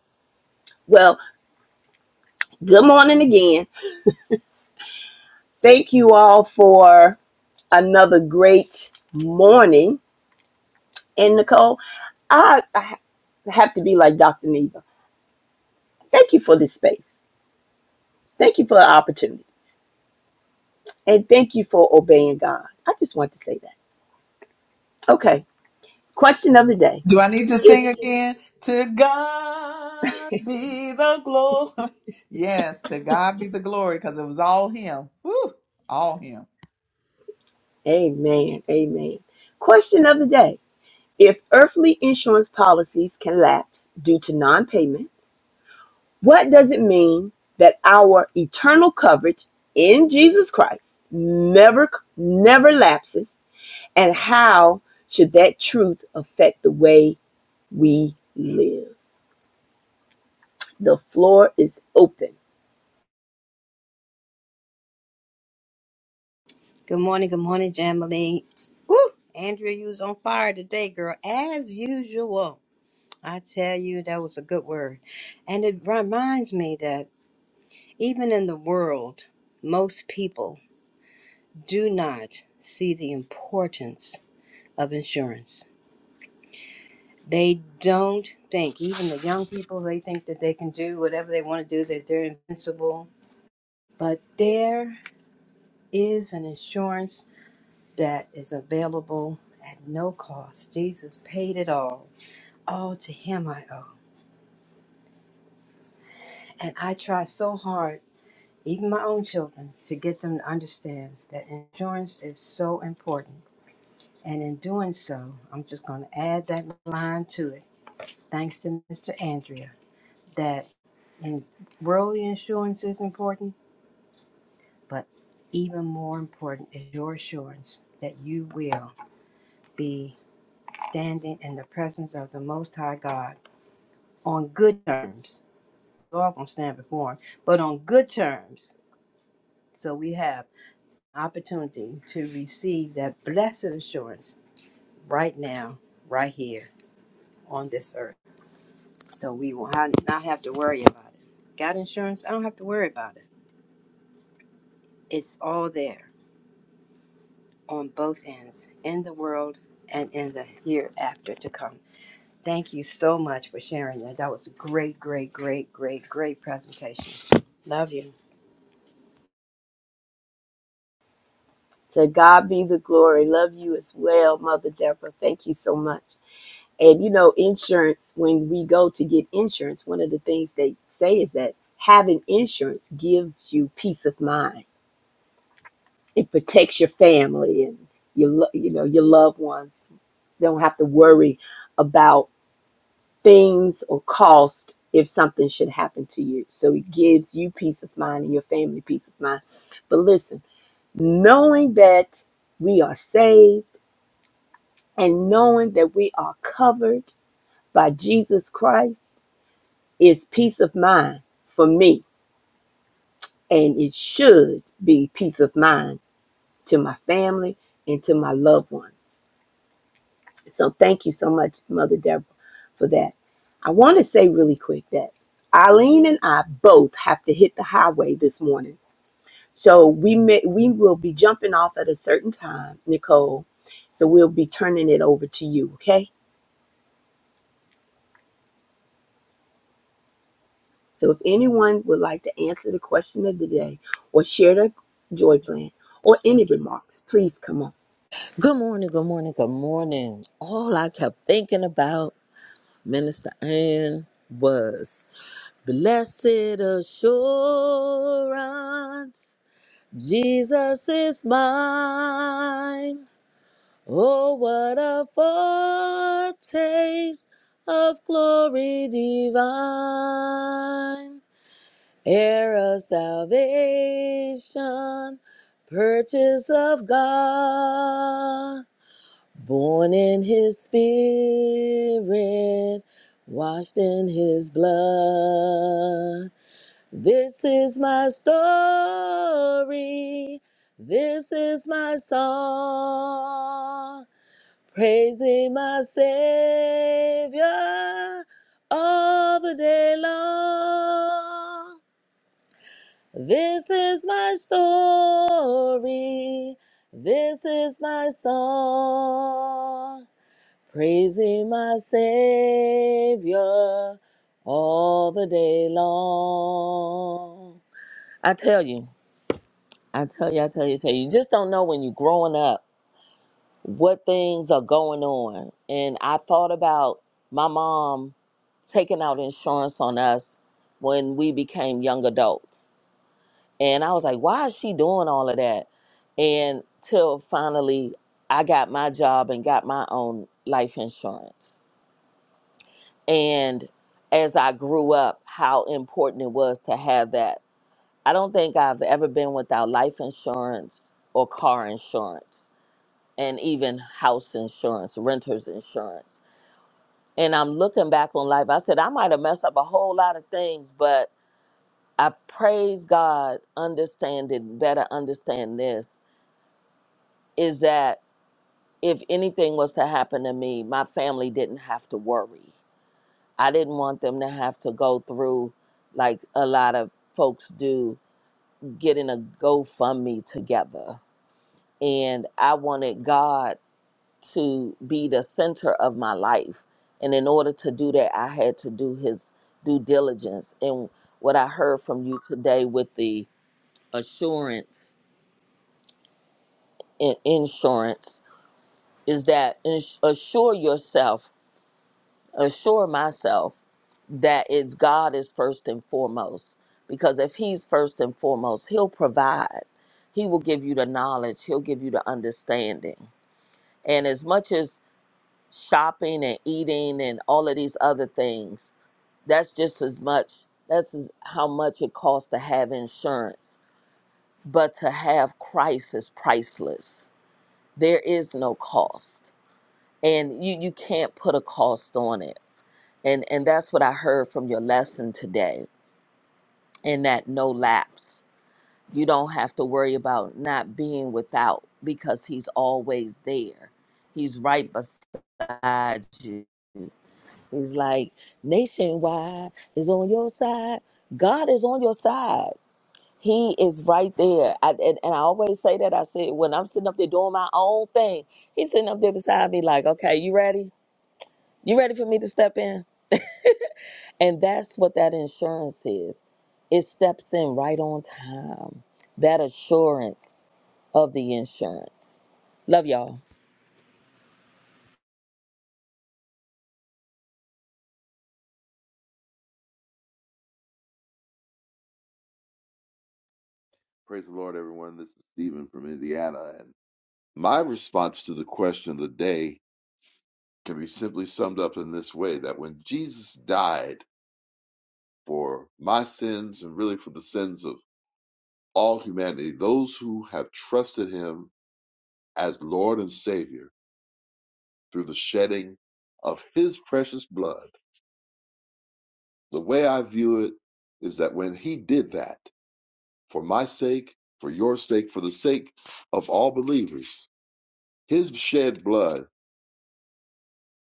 D: well, good morning again. Thank you all for another great morning. And Nicole, I, I have to be like Dr. Neva. Thank you for this space. Thank you for the opportunity. And thank you for obeying God. I just want to say that. Okay. Question of the day.
A: Do I need to sing
D: If
A: again? To God be the glory. Yes, to God be the glory because it was all Him. Whew, all Him.
D: Amen. Amen. Question of the day. If earthly insurance policies can lapse due to non-payment, what does it mean that our eternal coverage in Jesus Christ never never lapses? And how should that truth affect the way we live? The floor is open.
F: Good morning, good morning, Jamily. Woo! Andrea, you was on fire today, girl, as usual. I tell you, that was a good word. And it reminds me that even in the world, most people do not see the importance of insurance. They don't think, even the young people, they think that they can do whatever they want to do, that they're invincible. But there is an insurance that is available at no cost. Jesus paid it all. All to Him I owe. And I try so hard, even my own children, to get them to understand that insurance is so important. And in doing so, I'm just going to add that line to it. Thanks to Mr. Andrea, that in worldly insurance is important, but even more important is your assurance that you will be standing in the presence of the Most High God on good terms. We're all gonna stand before him, but on good terms. So we have opportunity to receive that blessed assurance right now, right here on this earth. So we will ha- not have to worry about it. Got insurance? I don't have to worry about it. It's all there on both ends, in the world and in the hereafter to come. Thank you so much for sharing that. That was a great, great, great, great, great presentation. Love you.
D: To God be the glory. Love you as well, Mother Deborah. Thank you so much. And you know, insurance, when we go to get insurance, one of the things they say is that having insurance gives you peace of mind. It protects your family and your lo- you know, your loved ones. They don't have to worry about things or cost if something should happen to you. So it gives you peace of mind and your family peace of mind. But listen, knowing that we are saved and knowing that we are covered by Jesus Christ is peace of mind for me. And it should be peace of mind to my family and to my loved ones. So thank you so much, Mother Deborah, for that. I want to say really quick that Eileen and I both have to hit the highway this morning. So we may, we will be jumping off at a certain time, Nicole. So we'll be turning it over to you, okay? So if anyone would like to answer the question of the day or share their joy plan or any remarks, please come on.
B: Good morning, good morning, good morning. All I kept thinking about Minister Ann was blessed assurance. Jesus is mine. Oh, what a foretaste of glory divine. Heir of salvation, purchase of God. Born in his spirit, washed in his blood. This is my story. This is my song. Praising my Savior all the day long. This is my story. This is my song praising my Savior all the day long. I tell you, I tell you, I tell you, I tell you, you just don't know when you're growing up what things are going on. And I thought about my mom taking out insurance on us when we became young adults. And I was like, why is she doing all of that? And till finally I got my job and got my own life insurance and as I grew up, how important it was to have that. I don't think I've ever been without life insurance or car insurance, and even house insurance, renter's insurance. And I'm looking back on life. I said, I might have messed up a whole lot of things, but I praise God, understanding, better understand this is that if anything was to happen to me, my family didn't have to worry. I didn't want them to have to go through like a lot of folks do getting a GoFundMe together. And I wanted God to be the center of my life. And in order to do that, I had to do his due diligence. And what I heard from you today with the assurance and insurance is that ins- assure yourself assure myself that it's God is first and foremost. Because if He's first and foremost, He'll provide. He will give you the knowledge, He'll give you the understanding. And as much as shopping and eating and all of these other things, that's just as much, that's as- how much it costs to have insurance. But to have Christ is priceless. There is no cost. And you, you can't put a cost on it and and that's what i heard from your lesson today in that no lapse you don't have to worry about not being without because he's always there he's right beside you he's like nationwide is on your side god is on your side he is right there I, and, and i always say that i said when i'm sitting up there doing my own thing he's sitting up there beside me like okay you ready you ready for me to step in and that's what that insurance is It steps in right on time. That assurance of the insurance. Love y'all.
G: Praise the Lord, everyone. This is Stephen from Indiana. And my response to the question of the day can be simply summed up in this way that when Jesus died for my sins and really for the sins of all humanity, those who have trusted him as Lord and Savior through the shedding of his precious blood, the way I view it is that when he did that for my sake, for your sake, for the sake of all believers, his shed blood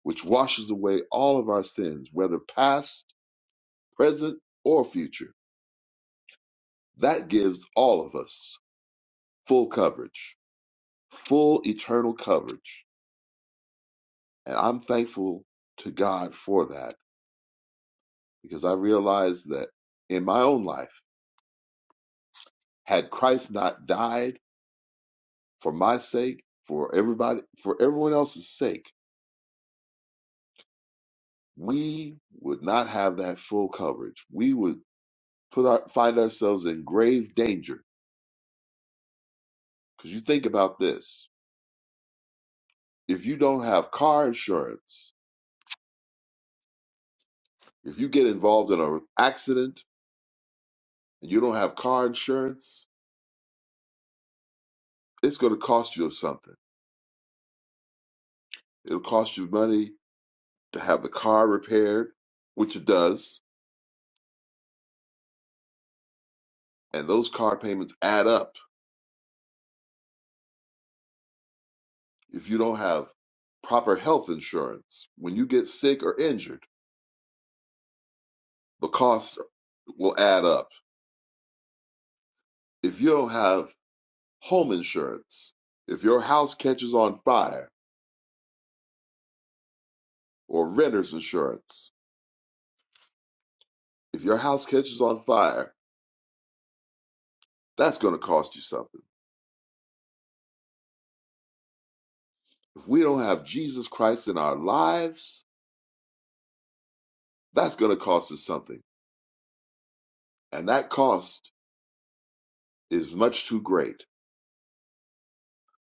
G: which washes away all of our sins, whether past, present, or future. That gives all of us full coverage, full eternal coverage. And I'm thankful to God for that because I realize that in my own life, had Christ not died for my sake, for everybody, for everyone else's sake, we would not have that full coverage. We would put our, find ourselves in grave danger. Because you think about this if you don't have car insurance, if you get involved in an accident and you don't have car insurance, it's going to cost you something. It'll cost you money to have the car repaired, which it does, and those car payments add up. If you don't have proper health insurance, when you get sick or injured, the cost will add up. If you don't have home insurance, if your house catches on fire, or renter's insurance, if your house catches on fire, That's going to cost you something. If we don't have Jesus Christ in our lives, that's going to cost us something. And that cost is much too great.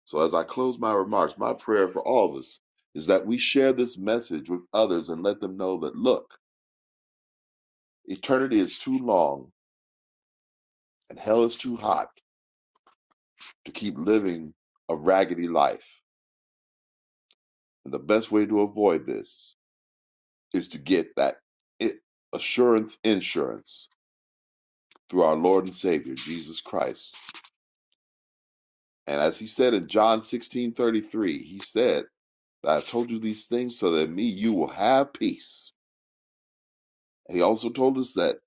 G: So, as I close my remarks, my prayer for all of us is that we share this message with others and let them know that, look, eternity is too long and hell is too hot to keep living a raggedy life. And the best way to avoid this is to get that assurance insurance through our Lord and Savior, Jesus Christ And as he said in John 16 33, he said, "I have told you these things so that in me you will have peace. He also told us that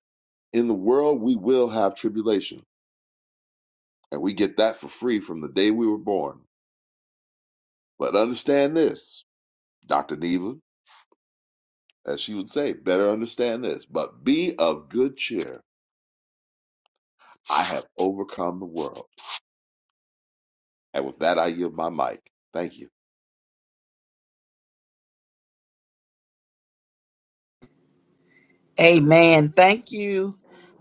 G: in the world we will have tribulation, and we get that for free from the day we were born. But understand this, Dr. Neva, as she would say, better understand this, but be of good cheer. I have overcome the world. And with that, I yield my mic. Thank you.
C: Amen. Thank you,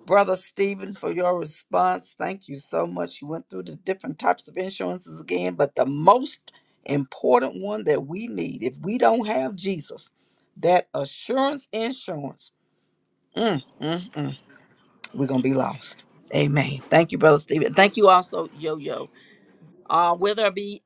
C: Brother Stephen, for your response. Thank you so much. You went through the different types of insurances again, but the most important one that we need, if we don't have Jesus, that assurance insurance, mm, mm, mm, we're going to be lost. Amen. Thank you, Brother Stephen. Thank you also, Yo Yo. Uh, will there be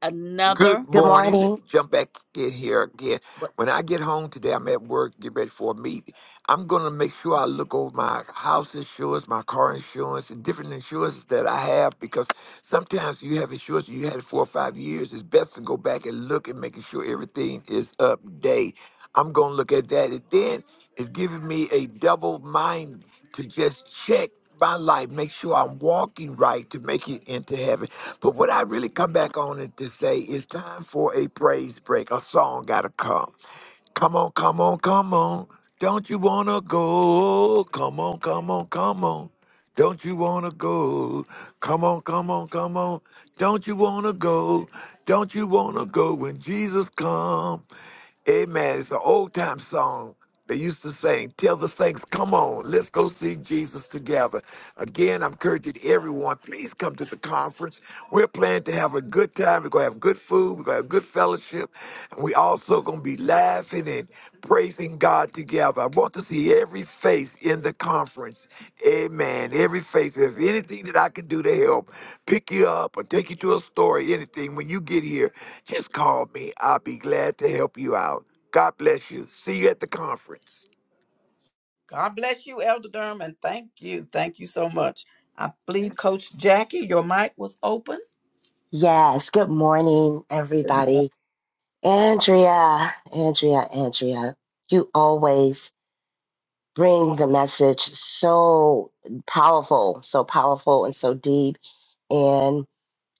E: Good
C: another?
H: Good
E: morning. Let
H: morning.
E: me jump back in here again. When I get home today, I'm at work, get ready for a meeting. I'm going to make sure I look over my house insurance, my car insurance, and different insurances that I have because sometimes you have insurance you had it four or five years. It's best to go back and look and making sure everything is up to date. I'm going to look at that. And then it's giving me a double mind to just check. my life, make sure I'm walking right to make it into heaven. But what I really come back on it to say is time for a praise break. A song gotta come. Come on, come on, come on. Don't you wanna go? Come on, come on, come on. Don't you wanna go? Come on, come on, come on. Don't you wanna go? Don't you wanna go when Jesus come? Amen. It's an old time song they used to sing. Tell the saints, come on, let's go see Jesus together. Again, I'm encouraging everyone, please come to the conference. We're planning to have a good time. We're gonna have good good food. We're going to have good fellowship. And we also going to be laughing and praising God together. I want to see every face in the conference. Amen. Every face. If there's anything that I can do to help pick you up or take you to a story, anything, when you get here, just call me. I'll be glad to help you out. God bless you. See you at the conference.
C: God bless you, Elder Durham, and thank you. Thank you so much. I believe Coach Jackie, your mic was open.
H: Yes, good morning,
C: Good morning.
H: everybody. Andrea, Andrea, Andrea, you always bring the message so powerful, so powerful and so deep.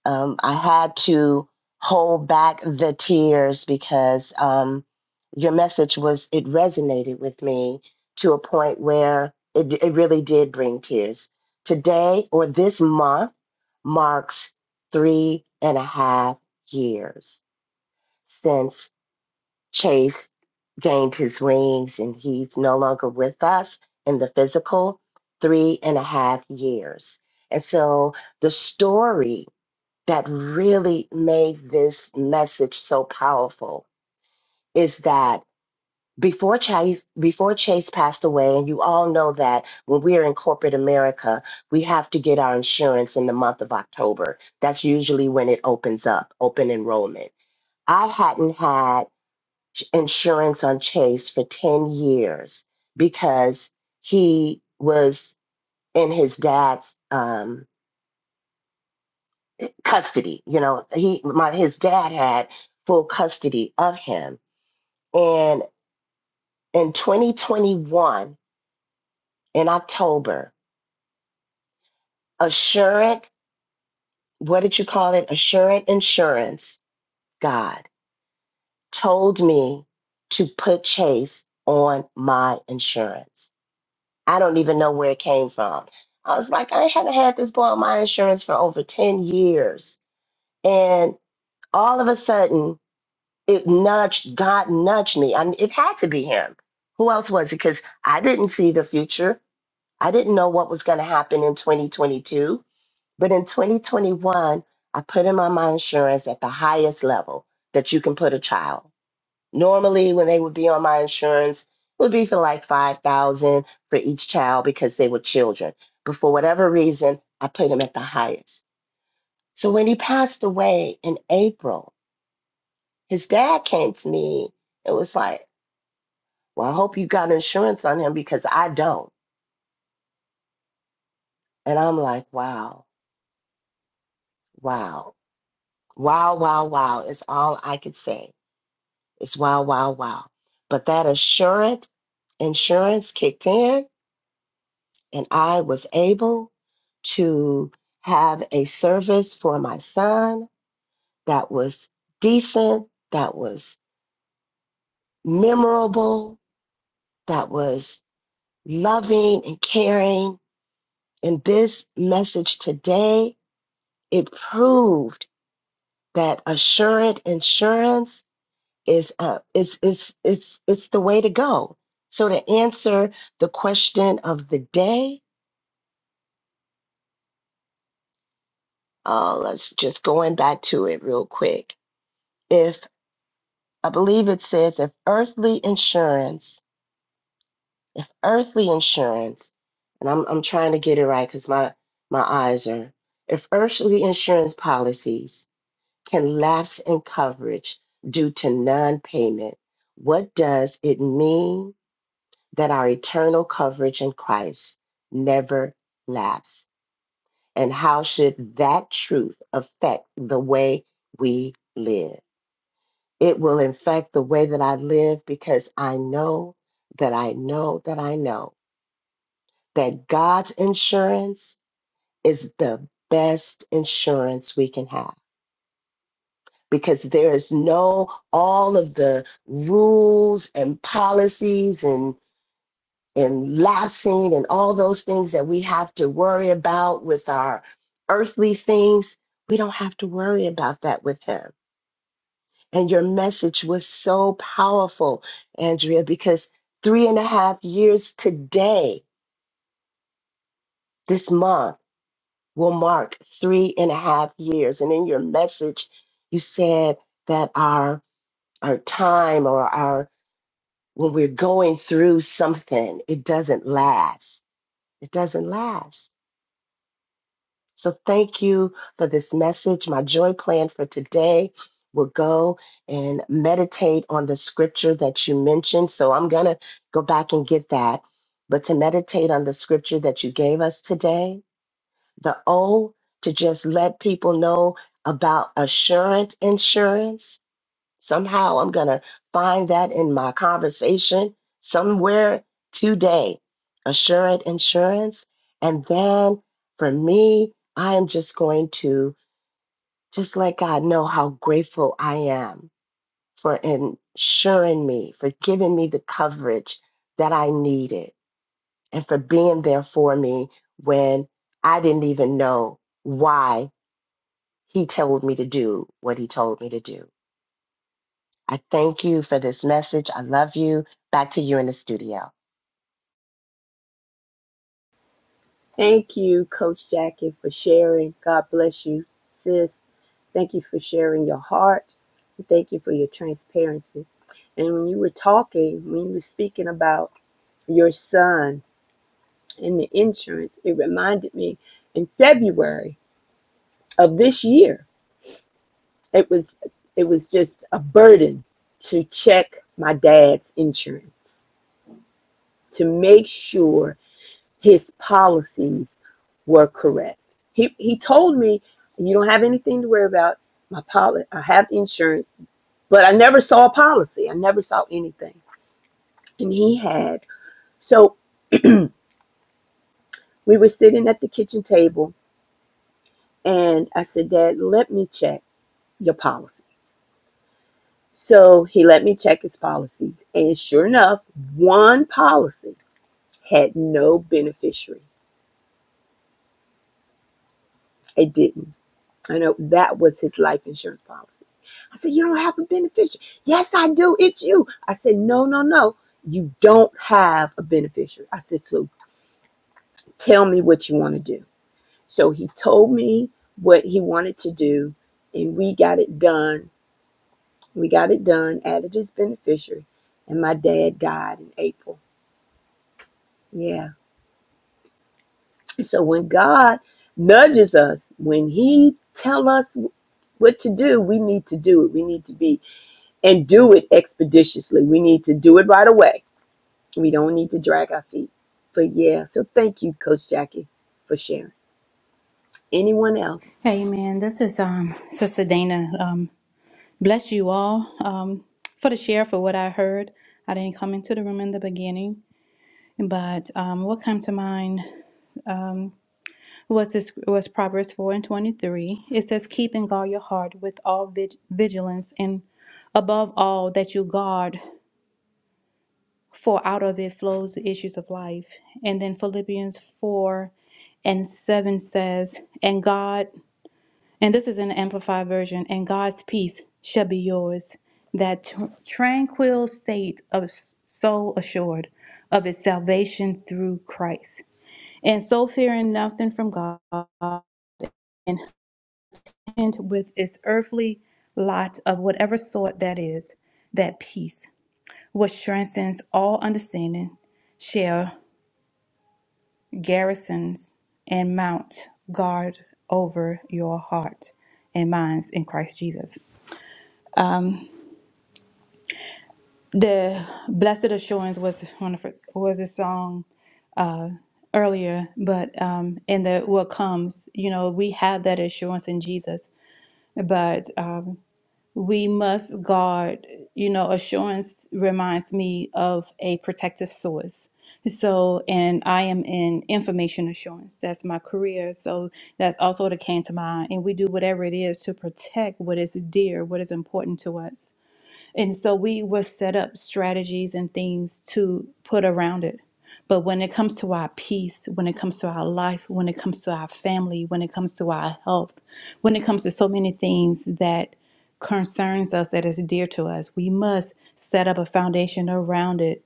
H: um, I had to hold back the tears because um, your message was it resonated with me to a point where it, it really did bring tears. Today or this month marks three and a half years since Chase gained his wings and he's no longer with us in the physical. Three and a half years. And so the story that really made this message so powerful is that before Chase before Chase passed away, and you all know that when we are in corporate America, we have to get our insurance in the month of October. That's usually when it opens up, open enrollment. I hadn't had ch- insurance on Chase for 10 years because he was in his dad's um, custody. You know, he my his dad had full custody of him. And in 2021, in October, Assurant, what did you call it? Assurant Insurance, God told me to put Chase on my insurance. I don't even know where it came from. I was like, I haven't had this boy on my insurance for over 10 years. And all of a sudden, it nudged god nudged me and it had to be him who else was it because i didn't see the future i didn't know what was going to happen in 2022 but in 2021 i put in on my insurance at the highest level that you can put a child normally when they would be on my insurance it would be for like 5000 for each child because they were children but for whatever reason i put him at the highest so when he passed away in april his dad came to me it was like Well, I hope you got insurance on him because I don't. And I'm like, wow, wow, wow, wow, wow is all I could say. It's wow, wow, wow. But that assurance insurance kicked in, and I was able to have a service for my son that was decent, that was memorable, that was loving and caring. And this message today, it proved. that assured insurance is uh, is is it's it's the way to go. So to answer the question of the day, uh, let's just going back to it real quick. If I believe it says if earthly insurance, if earthly insurance, and I'm I'm trying to get it right because my my eyes are if earthly insurance policies can lapse in coverage due to non-payment, what does it mean that our eternal coverage in Christ never laps? And how should that truth affect the way we live? It will affect the way that I live because I know that I know that I know that God's insurance is the best insurance we can have because there is no all of the rules and policies and and lapsing and all those things that we have to worry about with our earthly things. We don't have to worry about that with him. And your message was so powerful, Andrea, because three and a half years today, this month, will mark three and a half years. And in your message, you said that our our time or our when we're going through something, it doesn't last. It doesn't last So thank you for this message. My joy plan for today will go and meditate on the scripture that you mentioned. So I'm going to go back and get that. But to meditate on the scripture that you gave us today, the O to just let people know about assurance insurance Somehow I'm going to find that in my conversation somewhere today. Assured insurance. And then for me, I am just going to just let God know how grateful I am for insuring me, for giving me the coverage that I needed, and for being there for me when I didn't even know why He told me to do what He told me to do. I thank you for this message. I love you. Back to you in the studio.
D: Thank you, Coach Jackie, for sharing. God bless you, sis. Thank you for sharing your heart. Thank you for your transparency. And when you were talking, when you were speaking about your son and the insurance, it reminded me in February of this year, it was it was just a burden to check my dad's insurance to make sure his policies were correct. He he told me, "You don't have anything to worry about. My poli- I have insurance, but I never saw a policy. I never saw anything." And he had. So we were sitting at the kitchen table, and I said, "Dad, let me check your policy." So he let me check his policy, and sure enough, one policy had no beneficiary. It didn't. I know that was his life insurance policy. I said, You don't have a beneficiary. Yes, I do. It's you. I said, No, no, no. You don't have a beneficiary. I said, So tell me what you want to do. So he told me what he wanted to do, and we got it done. We got it done, added his beneficiary, and my dad died in April. Yeah. So when God nudges us, when he tells us what to do, we need to do it. We need to be and do it expeditiously. We need to do it right away. We don't need to drag our feet. But yeah, so thank you, Coach Jackie, for sharing. Anyone else?
I: Hey man, this is um Sister Dana. Um bless you all um for the share for what I heard. I didn't come into the room in the beginning, but um what came to mind um was this was Proverbs 4 and 23. It says keep and guard your heart with all vig- vigilance and above all that you guard for out of it flows the issues of life. And then Philippians 4 and 7 says, And God And this is an amplified version. And God's peace shall be yours. That tr- tranquil state of s- soul assured of its salvation through Christ. And so fearing nothing from God and hint with its earthly lot of whatever sort that is, that peace, which transcends all understanding, shall garrison and mount guard over your heart and minds in Christ Jesus. the blessed assurance was one of her, was a song earlier but um in the what comes you know we have that assurance in jesus but um we must guard you know assurance reminds me of a protective source so and i am in information assurance that's my career so that's also what came to mind and we do whatever it is to protect what is dear what is important to us and so we will set up strategies and things to put around it. But when it comes to our peace, when it comes to our life, when it comes to our family, when it comes to our health, when it comes to so many things that concerns us that is dear to us, we must set up a foundation around it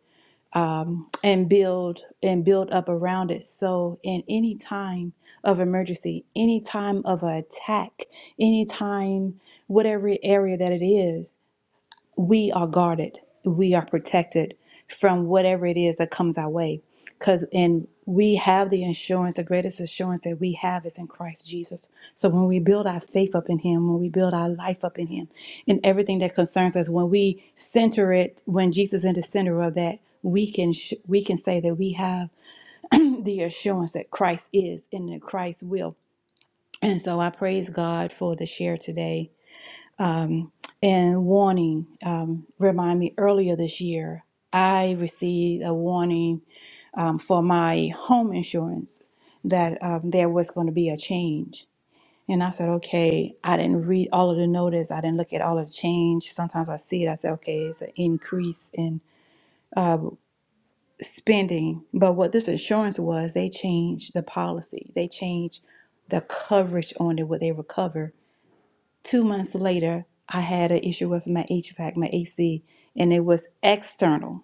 I: and build and build up around it. So in any time of emergency, any time of attack, any time whatever area that it is, we are guarded, we are protected from whatever it is that comes our way. Because and we have the assurance, the greatest assurance that we have is in Christ Jesus. So when we build our faith up in Him, when we build our life up in Him, in everything that concerns us, when we center it, when Jesus is in the center of that, we can sh- we can say that we have the assurance that Christ is and that Christ will. And so I praise God for the share today and warning, um, remind me earlier this year, I received a warning um, for my home insurance that um, there was going to be a change. And I said, okay, I didn't read all of the notice. I didn't look at all of the change. Sometimes I see it, I say, okay, it's an increase in spending. But what this insurance was, they changed the policy, they changed the coverage on it, what they recover. Two months later, I had an issue with my HVAC, my AC, and it was external.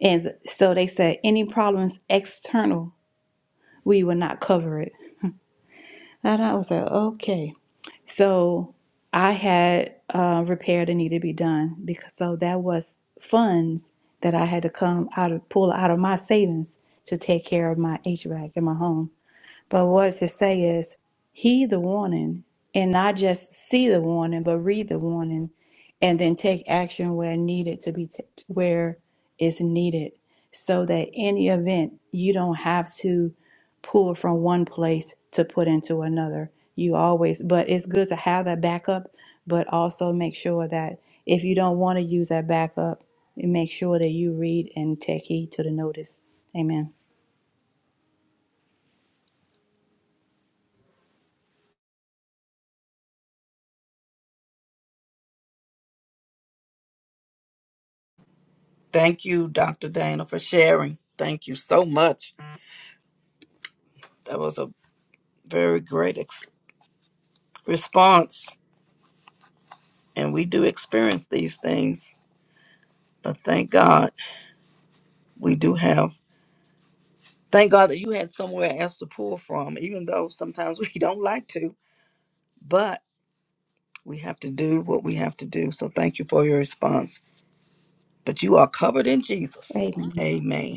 I: And so they said, any problems external, we will not cover it. And I was like, okay. So I had uh, repair that needed to be done because so that was funds that I had to come out of pull out of my savings to take care of my HVAC in my home. But what to say is, heed the warning and not just see the warning, but read the warning and then take action where needed to be, t- where is needed so that any event you don't have to pull from one place to put into another. You always, but it's good to have that backup, but also make sure that if you don't want to use that backup, make sure that you read and take heed to the notice. Amen.
C: Thank you, Dr. Dana, for sharing. Thank you so much. That was a very great ex- response. And we do experience these things, but thank God we do have. Thank God that you had somewhere else to pull from, even though sometimes we don't like to, but we have to do what we have to do. So thank you for your response. But you are covered in Jesus.
I: Amen.
C: Amen.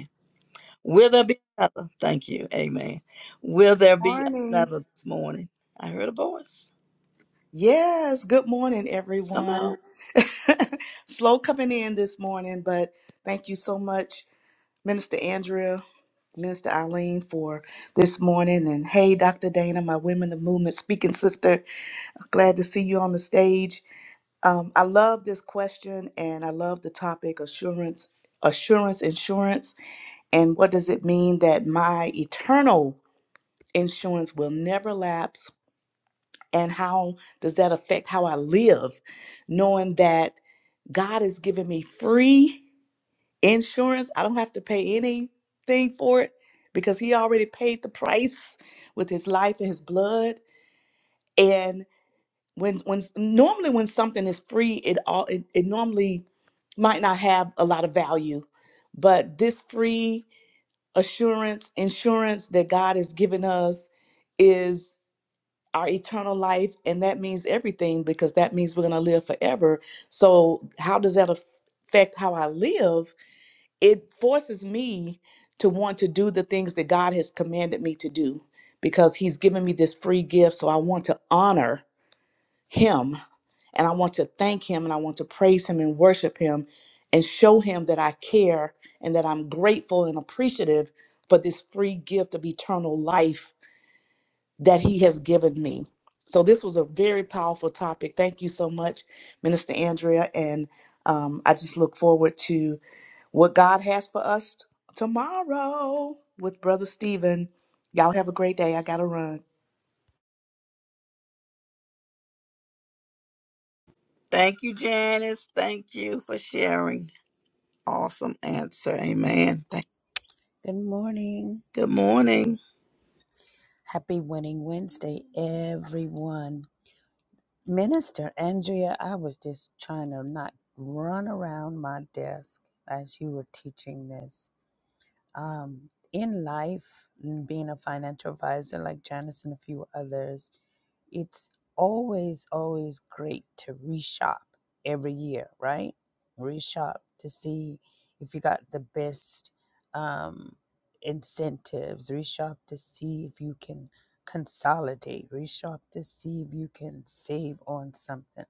C: Will there be another? Thank you. Amen. Will there be
J: Morning.
C: another this morning? I heard a voice.
J: Yes, good morning,
C: Come
J: everyone.
C: on.
J: Slow coming in this morning, but thank you so much, Minister Andrea, Minister Eileen, for this morning. And hey, Dr. Dana, my Women of Movement speaking sister, glad to see you on the stage. Um, I love this question and I love the topic assurance, assurance, insurance. And what does it mean that my eternal insurance will never lapse? and how does that affect how I live, knowing that God has given me free insurance? I don't have to pay anything for it because He already paid the price with His life and His blood. And when when normally when something is free, it all it, it normally might not have a lot of value, but this free assurance insurance that God has given us is our eternal life and that means everything because that means we're going to live forever so how does that affect how i live it forces me to want to do the things that god has commanded me to do because he's given me this free gift so i want to honor him and i want to thank him and i want to praise him and worship him and show him that i care and that i'm grateful and appreciative for this free gift of eternal life that he has given me. So this was a very powerful topic. Thank you so much, Minister Andrea. And um, I just look forward to what God has for us tomorrow with Brother Stephen. Y'all have a great day. I got to run.
C: Thank you, Janice. Thank you for sharing. Awesome answer. Amen. Thank
K: Good morning.
C: Good morning.
K: Happy Winning Wednesday, everyone. Minister Andrea, I was just trying to not run around my desk as you were teaching this. um, in life, n- being a financial advisor like Janice and a few others, it's always, always great to reshop every year, right? Reshop to see if you got the best um, incentives, reshop to see if you can consolidate, reshop to see if you can save on something.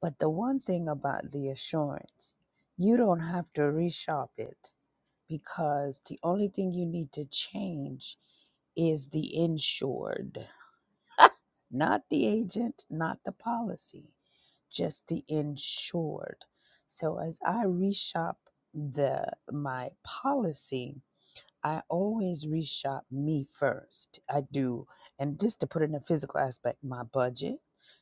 K: But the one thing about the assurance, you don't have to reshop it because the only thing you need to change is the insured, not the agent, not the policy, just the insured. So as I reshop the my policy, I always reshop me first. I do. And just to put in a physical aspect, my budget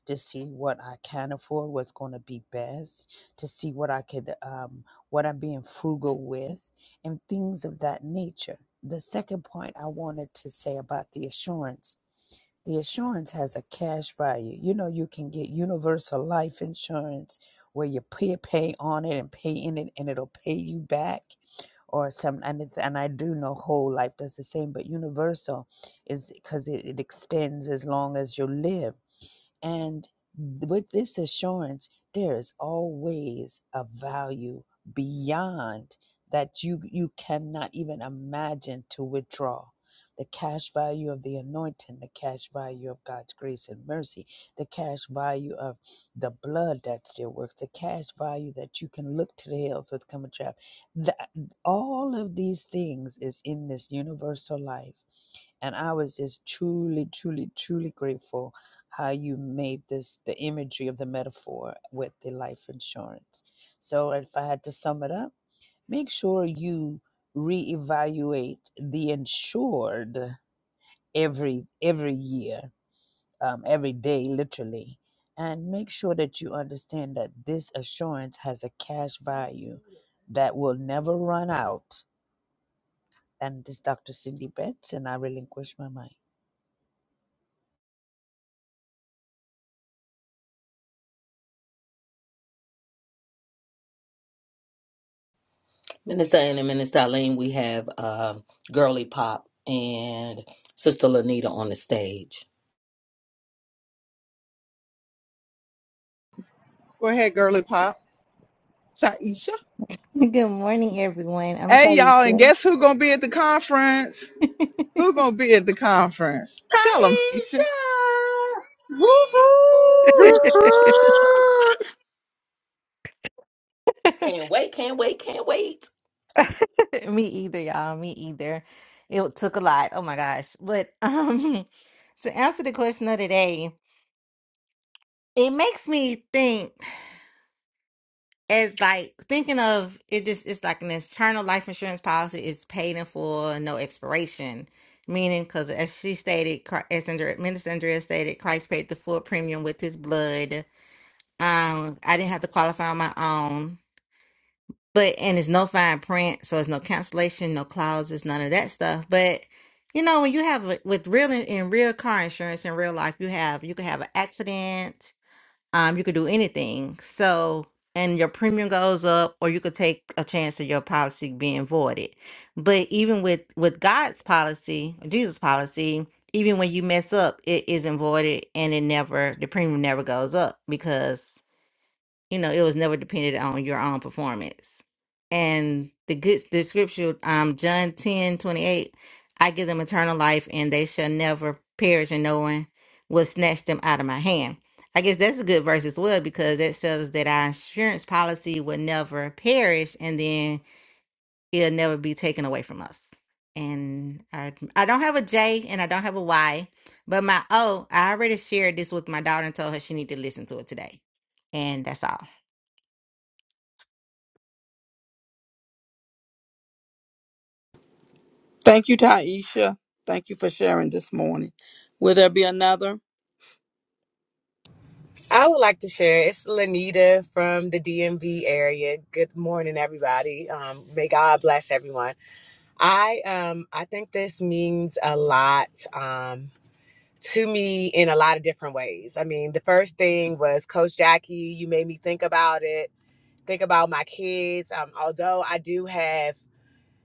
K: to see what I can afford, what's going to be best, to see what I could, um, what I'm being frugal with, and things of that nature. The second point I wanted to say about the assurance the assurance has a cash value. You know, you can get universal life insurance where you pay, pay on it and pay in it, and it'll pay you back or some and it's and i do know whole life does the same but universal is because it, it extends as long as you live and with this assurance, there is always a value beyond that you, you cannot even imagine to withdraw. The cash value of the anointing, the cash value of God's grace and mercy, the cash value of the blood that still works, the cash value that you can look to the hills with coming trap. That all of these things is in this universal life and I was just truly, truly, truly grateful how you made this the imagery of the metaphor with the life insurance. So, if I had to sum it up, make sure you reevaluate the insured every every year, um, every day, literally, and make sure that you understand that this assurance has a cash value that will never run out. And this is Dr. Cindy Betts, and I relinquish my mic.
B: Minister Ann and Minister Eileen, we have uh, Girly Pop and Sister Lanita on the stage.
A: Go ahead, girly pop. Taisha.
L: Good morning, everyone. I'm
A: Hey, y'all, and
L: Taisha.
A: guess who gonna be at the conference? Who gonna be at the conference? Tell them,
B: Taisha!
A: Taisha.
B: Ooh.
H: Yoo-hoo!
B: Can't wait, can't wait, can't wait.
L: Me either, y'all. Me either. It took a lot. Oh my gosh. But um to answer the question of the day, it makes me think as like thinking of it just it's like an internal life insurance policy is paid in full, no expiration. Meaning, because as she stated, Chri- as Andre- Minister Andrea stated, Christ paid the full premium with his blood. Um, I didn't have to qualify on my own, but and it's no fine print, so it's no cancellation, no clauses, none of that stuff. But you know, when you have a- with real in real car insurance in real life, you have you could have an accident, um, you could do anything. So and your premium goes up, or you could take a chance of your policy being voided. But even with with God's policy, Jesus' policy, even when you mess up, it isn't voided, and it never the premium never goes up because you know, it was never dependent on your own performance. And the good the scripture, um, John 10 28, I give them eternal life and they shall never perish and no one will snatch them out of my hand. I guess that's a good verse as well because that says that our insurance policy will never perish and then it'll never be taken away from us. And I, I don't have a J and I don't have a Y, but my O, I already shared this with my daughter and told her she need to listen to it today. And that's all.
C: Thank you, Taisha. Thank you for sharing this morning. Will there be another?
M: I would like to share. It's Lanita from the DMV area. Good morning, everybody. Um, may God bless everyone. I um, I think this means a lot um, to me in a lot of different ways. I mean, the first thing was Coach Jackie. You made me think about it. Think about my kids. Um, although I do have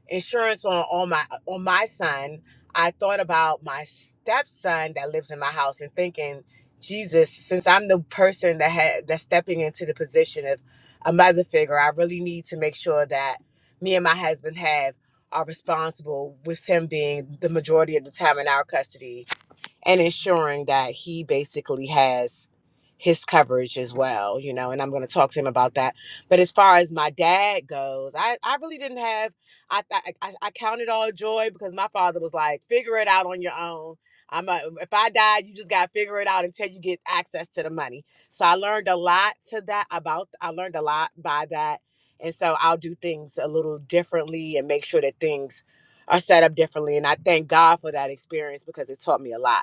M: insurance on, on my on my son, I thought about my stepson that lives in my house and thinking, Jesus, since I'm the person that had that's stepping into the position of a mother figure, I really need to make sure that me and my husband have are responsible with him being the majority of the time in our custody and ensuring that he basically has his coverage as well, you know, and I'm going to talk to him about that. But as far as my dad goes, I, I really didn't have, I, I, I I counted all joy because my father was like, figure it out on your own. I'm a, if I die, you just got to figure it out until you get access to the money. So I learned a lot to that about, I learned a lot by that. And so I'll do things a little differently and make sure that things are set up differently. And I thank God for that experience because it taught me a lot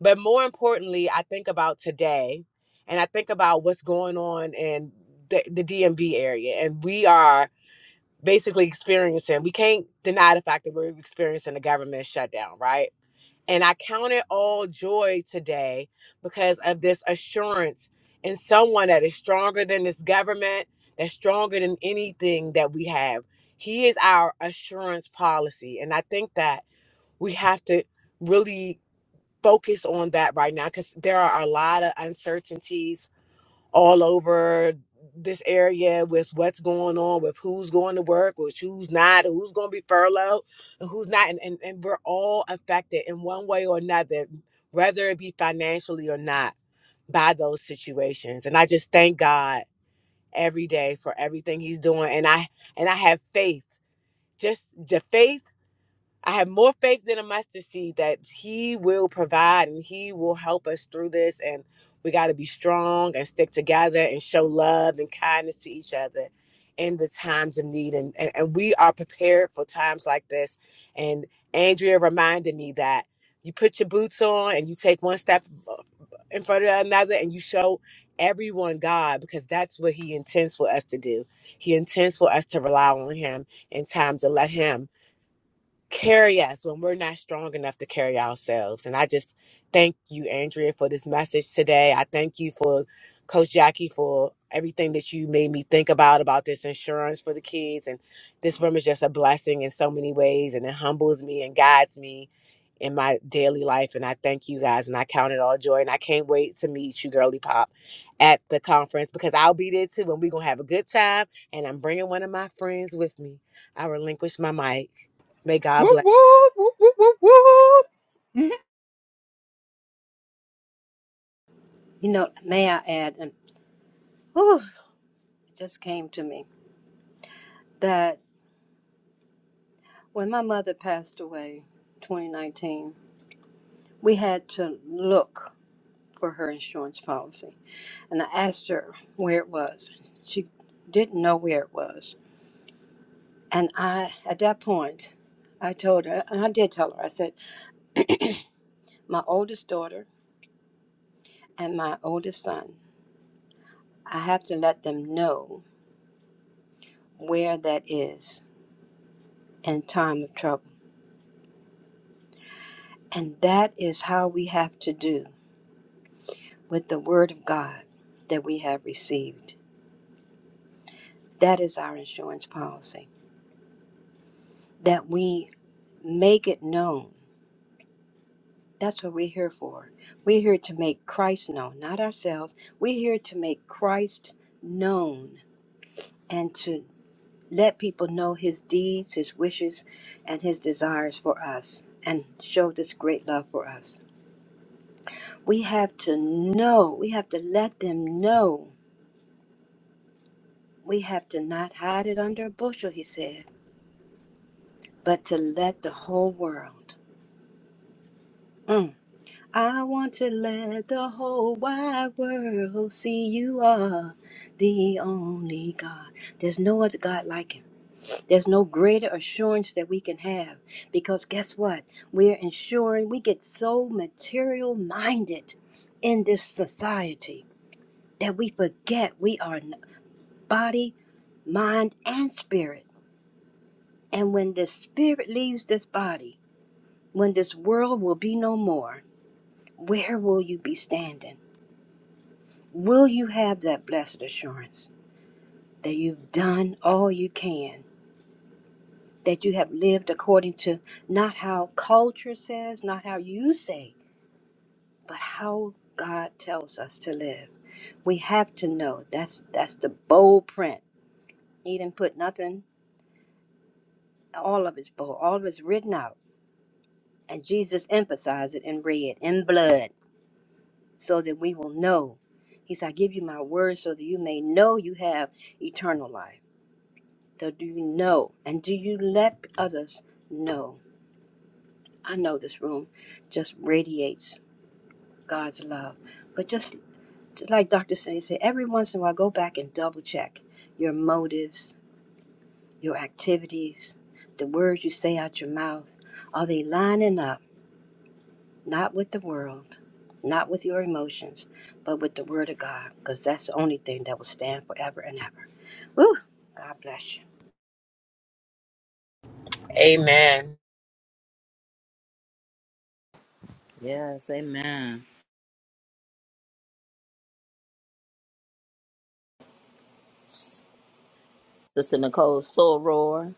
M: but more importantly, I think about today and I think about what's going on in the, the DMV area. And we are basically experiencing, we can't deny the fact that we're experiencing a government shutdown, right? And I count it all joy today because of this assurance in someone that is stronger than this government, that's stronger than anything that we have. He is our assurance policy. And I think that we have to really focus on that right now because there are a lot of uncertainties all over this area with what's going on, with who's going to work, with who's not, who's going to be furloughed, and who's not. And, and, and we're all affected in one way or another, whether it be financially or not, by those situations. And I just thank God every day for everything he's doing. And I and I have faith. Just the faith I have more faith than a mustard seed that He will provide and He will help us through this. And we got to be strong and stick together and show love and kindness to each other in the times of need. And, and, and we are prepared for times like this. And Andrea reminded me that you put your boots on and you take one step uh, in front of another and you show everyone God because that's what He intends for us to do. He intends for us to rely on Him in times to let Him carry us when we're not strong enough to carry ourselves. And I just thank you, Andrea, for this message today. I thank you for Coach Jackie for everything that you made me think about about this insurance for the kids. And this room is just a blessing in so many ways, and it humbles me and guides me in my daily life. And I thank you guys, and I count it all joy. And I can't wait to meet you, Girly Pop, at the conference because I'll be there too, and we're gonna have a good time. And I'm bringing one of my friends with me. I relinquish my mic. May God
A: Whoop
M: bless.
A: whoop whoop whoop whoop whoop. Mhm.
F: You know, may I add, and whew, just came to me that when my mother passed away 2019 we had to look for her insurance policy and i asked her where it was she didn't know where it was and i at that point i told her and i did tell her i said my oldest daughter and my oldest son i have to let them know where that is in time of trouble and that is how we have to do with the Word of God that we have received. That is our insurance policy, that we make it known. That's what we're here for. We're here to make Christ known, not ourselves. We're here to make Christ known and to let people know his deeds, his wishes, and his desires for us and show this great love for us. We have to know, we have to let them know. We have to not hide it under a bushel, he said but to let the whole world. Mm. I want to let the whole wide world see you are the only God. There's no other God like Him. There's no greater assurance that we can have because guess what? We're ensuring we get so material minded in this society that we forget we are n- body, mind, and spirit. And when the spirit leaves this body, when this world will be no more, Where will you be standing? Will you have that blessed assurance that you've done all you can, that you have lived according to not how culture says, not how you say, but how God tells us to live? We have to know that's that's the bold print. He didn't put nothing. All of it's bold. All of it's written out, and Jesus emphasized it in red, in blood, so that we will know. He said, "I give you my word, so that you may know you have eternal life." So do you know? And do you let others know? I know this room just radiates God's love. But just, just like Dr. Saint said, every once in a while go back and double check your motives, your activities, the words you say out your mouth. Are they lining up not with the world, not with your emotions, but with the word of God? Because that's the only thing that will stand forever and ever. Woo! God bless you.
M: Amen.
B: Yes, amen. Sister Nicole Soror.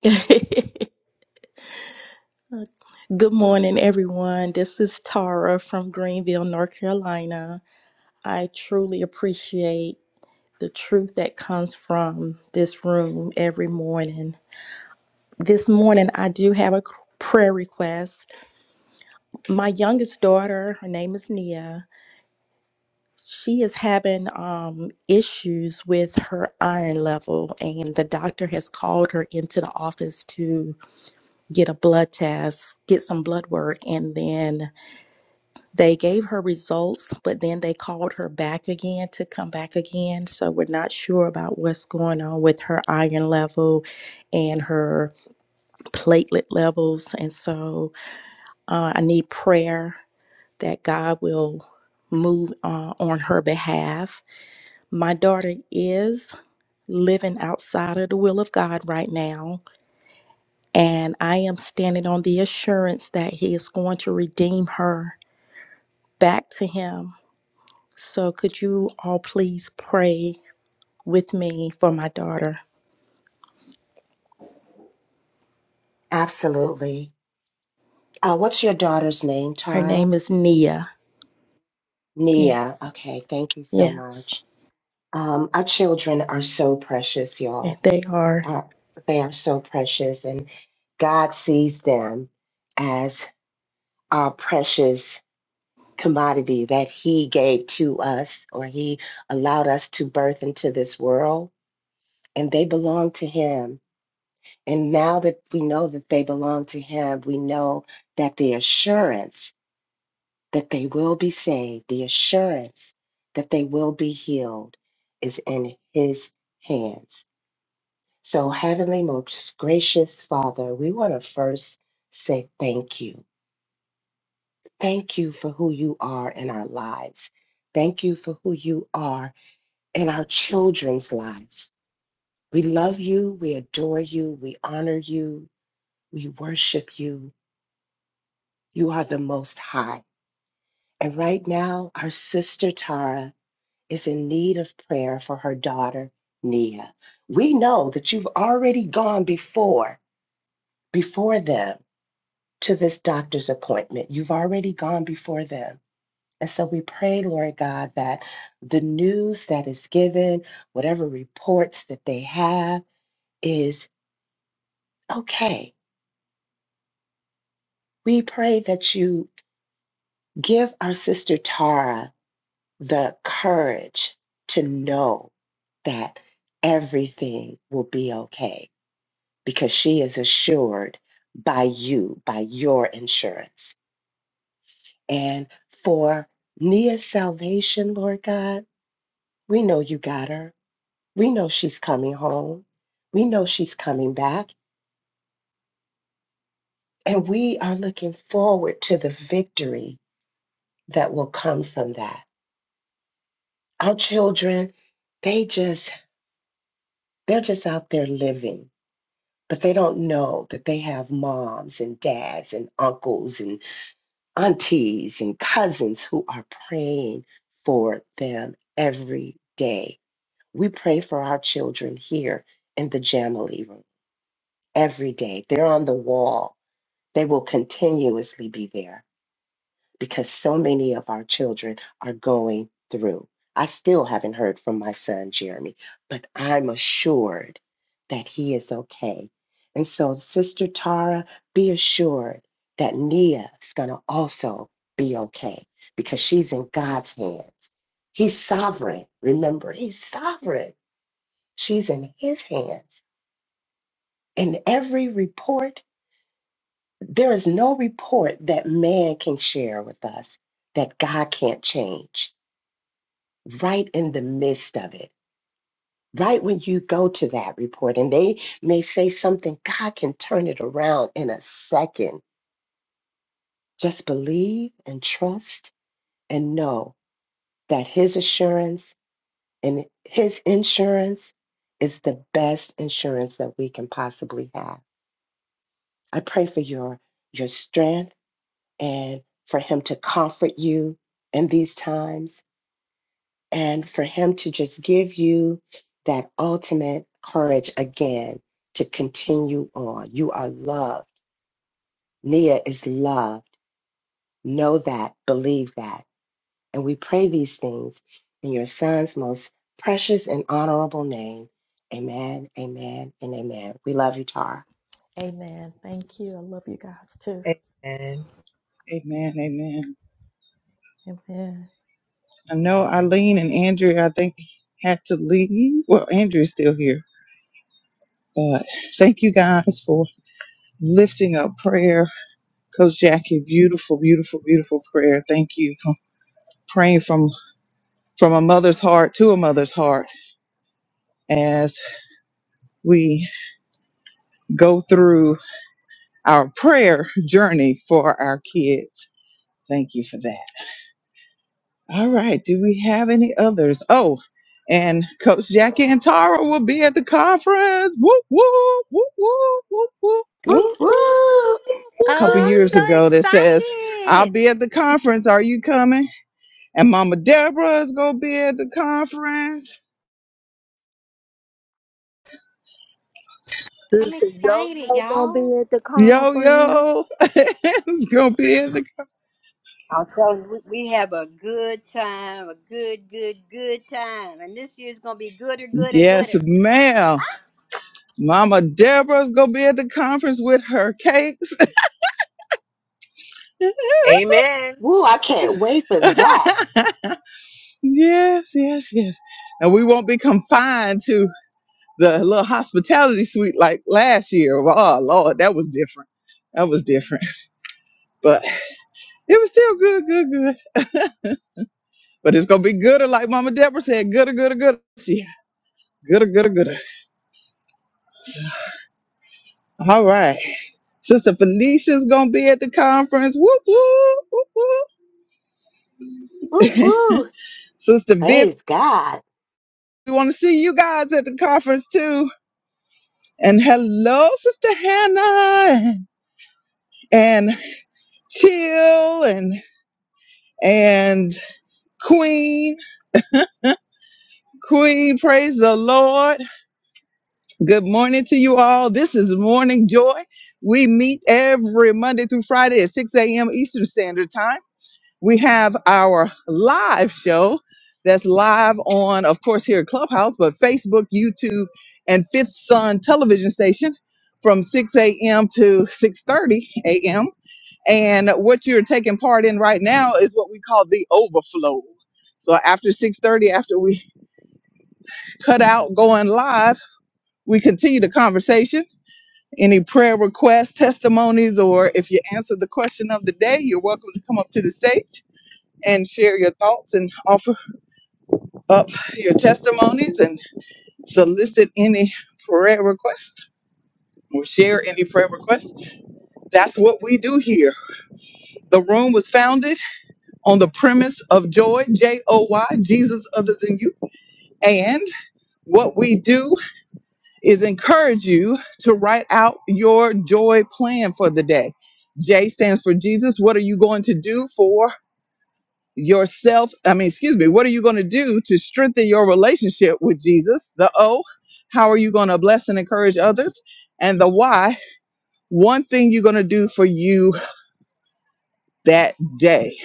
N: Good morning, everyone. This is Tara from Greenville, North Carolina. I truly appreciate the truth that comes from this room every morning. This morning, I do have a c- prayer request. My youngest daughter, her name is Nia, she is having um, issues with her iron level, and the doctor has called her into the office to get a blood test, get some blood work, and then They gave her results, but then they called her back again to come back again. So we're not sure about what's going on with her iron level and her platelet levels. And so uh, I need prayer that God will move uh, on her behalf. My daughter is living outside of the will of God right now. And I am standing on the assurance that He is going to redeem her back to Him So, could you all please pray with me for my daughter?
H: Absolutely. Uh, what's your daughter's name,
N: Her
H: Tara?
N: name is Nia.
H: Nia.
N: Yes.
H: Okay, thank you so
N: Yes.
H: much. Um, our children are so precious,
N: And
H: y'all.
N: they are.
H: Uh, they are so precious, and God sees them as our precious commodity that He gave to us or He allowed us to birth into this world, and they belong to Him. And now that we know that they belong to Him, we know that the assurance that they will be saved, the assurance that they will be healed is in His hands. So, Heavenly, most gracious Father, we want to first say thank you. Thank you for who you are in our lives. Thank you for who you are in our children's lives. We love you. We adore you. We honor you. We worship you. You are the Most High. And right now, our sister Tara is in need of prayer for her daughter, Nia. We know that you've already gone before, before them to this doctor's appointment. You've already gone before them. And so we pray, Lord God, that the news that is given, whatever reports that they have, is okay. We pray that you give our sister Tara the courage to know that everything will be okay because she is assured by you, by your insurance. And for Nia's salvation, Lord God, we know you got her. We know she's coming home. We know she's coming back. And we are looking forward to the victory that will come from that. Our children, they just, they're just out there living but they don't know that they have moms and dads and uncles and aunties and cousins who are praying for them every day. We pray for our children here in the Jamali room every day. They're on the wall. They will continuously be there because so many of our children are going through. I still haven't heard from my son, Jeremy, but I'm assured that he is okay. And so, Sister Tara, be assured that Nia is going to also be okay because she's in God's hands. He's sovereign. Remember, he's sovereign. She's in his hands. And every report, there is no report that man can share with us that God can't change right in the midst of it, right when you go to that report, and they may say something, God can turn it around in a second. Just believe and trust and know that His assurance and His insurance is the best insurance that we can possibly have. I pray for your your strength and for Him to comfort you in these times and for him to just give you that ultimate courage again to continue on. You are loved. Nia is loved. Know that, believe that. And we pray these things in your son's most precious and honorable name. Amen, amen, and amen. We love you, Tara.
N: Amen. Thank you. I love you guys too.
M: Amen.
A: Amen, amen.
N: Amen.
A: I know Eileen and Andrea. I think had to leave. Well, Andrea's still here, but thank you guys for. lifting up prayer. Coach Jackie, beautiful, beautiful, beautiful prayer. Thank you for praying from from a mother's heart to a mother's heart as we go through our prayer journey for our kids. Thank you for that. All right. Do we have any others? Oh, and Coach Jackie and Tara will be at the conference. Whoop, whoop, whoop, whoop, whoop, whoop.
B: Woo,
H: Woo,
B: woo,
H: woo,
B: woo,
A: A couple
L: Oh, I'm
A: years
L: so
B: woo.
A: ago that says, I'll
L: excited.
A: be at the conference. Are you coming? And Mama Deborah is gonna be at the conference.
L: I'm
B: Sister Yo
L: excited,
B: Yo gonna
L: y'all.
B: be at the
A: Yo
B: conference.
A: yo is gonna be at the
F: I'll tell you, we we have a good time, a good, good, good time. And this year's going to be gooder, gooder,
A: yes,
F: gooder.
A: ma'am. Mama Deborah is gonna be at the conference with her cakes.
M: Amen.
H: woo. I can't wait for that.
A: yes, yes, yes. And we won't be confined to the little hospitality suite like last year. Oh Lord, that was different. That was different. But it was still good, good, good. But it's gonna be gooder, like Mama Deborah said, gooder, gooder, gooder. Yeah, gooder, gooder, gooder. All right. Sister Felicia's gonna be at the conference. Whoop whoop whoop
H: Woo,
A: whoop.
H: woo.
A: Sister Viv,
H: Praise God.
A: we want to see you guys at the conference too. And hello, Sister Hannah and Chill and and Queen. Queen, praise the Lord. Good morning to you all. This is Morning Joy. We meet every Monday through Friday at 6 a.m. Eastern Standard Time. We have our live show that's live on, of course, here at Clubhouse, but Facebook, YouTube, and Fifth Sun Television Station from 6 a.m. to 6:30 a.m. And what you're taking part in right now is what we call the overflow. So after 6:30, after we cut out going live, we continue the conversation any prayer requests, testimonies, or if you answered the question of the day, you're welcome to come up to the stage and share your thoughts and offer up your testimonies and solicit any prayer requests or share any prayer requests. That's what we do here. The room was founded on the premise of joy, J O Y, Jesus, others, and you. And what we do is encourage you to write out your joy plan for the day. J stands for Jesus. What are you going to do for yourself? I mean, excuse me, what are you going to do to strengthen your relationship with Jesus? The O, how are you going to bless and encourage others? And the Y, one thing you're going to do for you that day.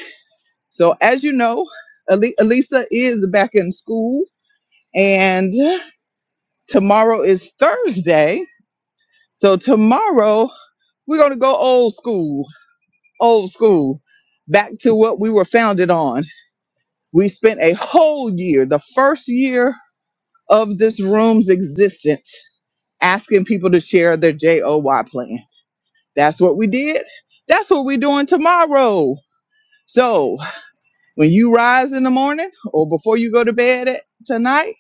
A: So, as you know, Ali- Elisa is back in school, and tomorrow is Thursday. So, tomorrow, We're going to go old school, old school, back to what we were founded on. We spent a whole year, the first year of this room's existence, asking people to share their JOY plan. That's what we did. That's what we're doing tomorrow. So when you rise in the morning or before you go to bed at, tonight,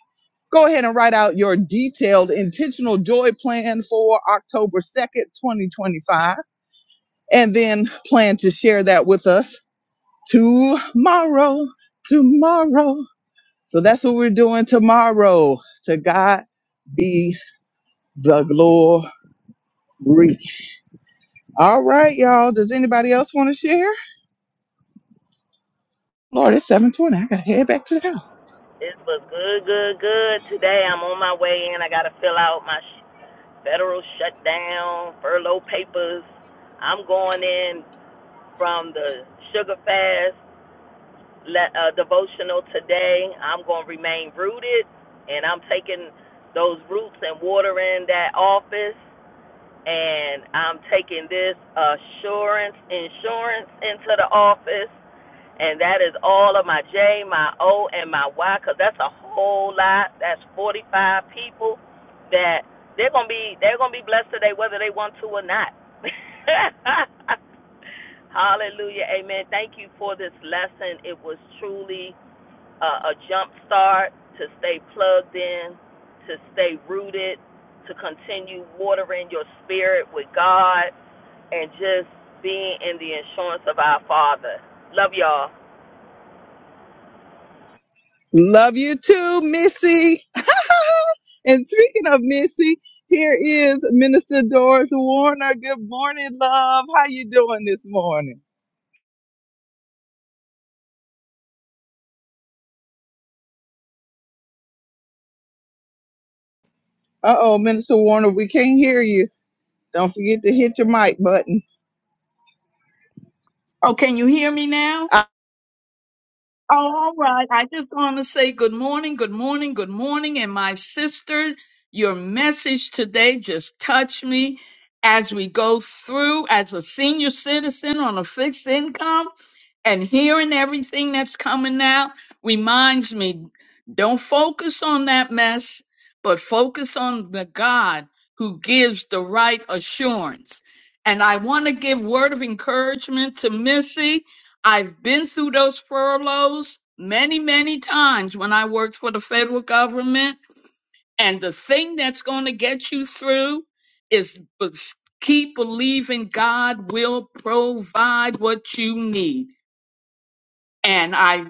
A: go ahead and write out your detailed intentional joy plan for October 2nd, 2025, and then plan to share that with us tomorrow, tomorrow. So that's what we're doing tomorrow. To God be the glory. All right, y'all. Does anybody else want to share? Lord, it's 720. I gotta head back to the house.
B: It was good, good, good. Today I'm on my way in. I got to fill out my sh- federal shutdown, furlough papers. I'm going in from the sugar fast le- uh, devotional today. I'm going to remain rooted, and I'm taking those roots and watering that office. And I'm taking this assurance insurance into the office. And that is all of my J, my O, and my Y, because that's a whole lot. That's 45 people that they're gonna be they're gonna be blessed today, whether they want to or not. Hallelujah, Amen. Thank you for this lesson. It was truly uh, a jump start to stay plugged in, to stay rooted, to continue watering your spirit with God, and just being in the insurance of our Father. Love y'all.
A: Love you too, Missy. and speaking of Missy, here is Minister Doris Warner. Good morning, love. How you doing this morning? Uh-oh, Minister Warner, we can't hear you. Don't forget to hit your mic button.
O: Oh, can you hear me now?
A: Ah,
O: Oh, all right. I just want to say good morning, good morning, good morning. And my sister, your message today just touched me as we go through as a senior citizen on a fixed income and hearing everything that's coming out reminds me don't focus on that mess, but focus on the God who gives the right assurance. And I want to give word of encouragement to Missy. I've been through those furloughs many, many times when I worked for the federal government. And the thing that's going to get you through is b- keep believing God will provide what you need. And I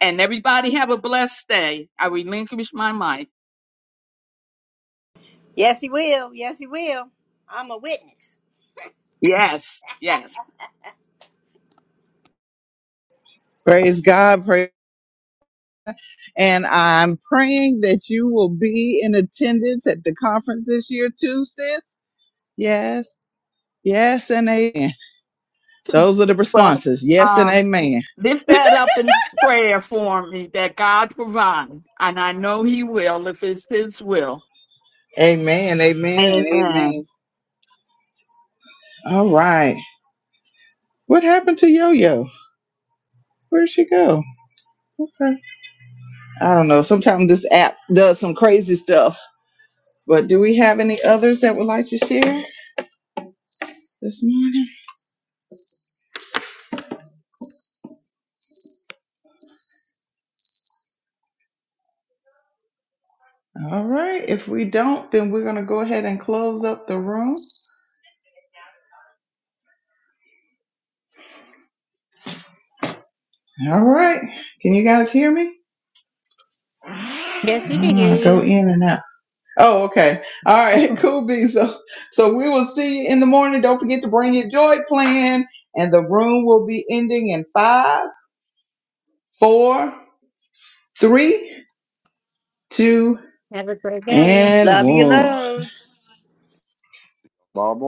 O: and everybody have a blessed day. I relinquish my mic.
F: Yes, he will. Yes, he will. I'm a witness.
O: Yes, yes.
A: Praise God. Praise And I'm praying that you will be in attendance at the conference this year too, sis. Yes. Yes and amen. Those are the
O: But
A: responses. Yes and
O: um,
A: amen.
O: lift that up in prayer for me that God provides, and I know He will if it's His will.
A: Amen. Amen and
O: Amen.
A: amen. All right. What happened to Yo Yo? Where'd she go? Okay. I don't know. Sometimes this app does some crazy stuff. But do we have any others that would like to share this morning? All right. If we don't, then we're going to go ahead and close up the room. All right. Can you guys hear me?
L: Yes, we can
A: Ah,
L: hear
A: go
L: you.
A: in and out. Oh, okay. All right, cool B. So so we will see you in the morning. Don't forget to bring your joy plan. And the room will be ending in five, four, three, two, and
F: Love you
A: one.
F: loads.
G: Mama.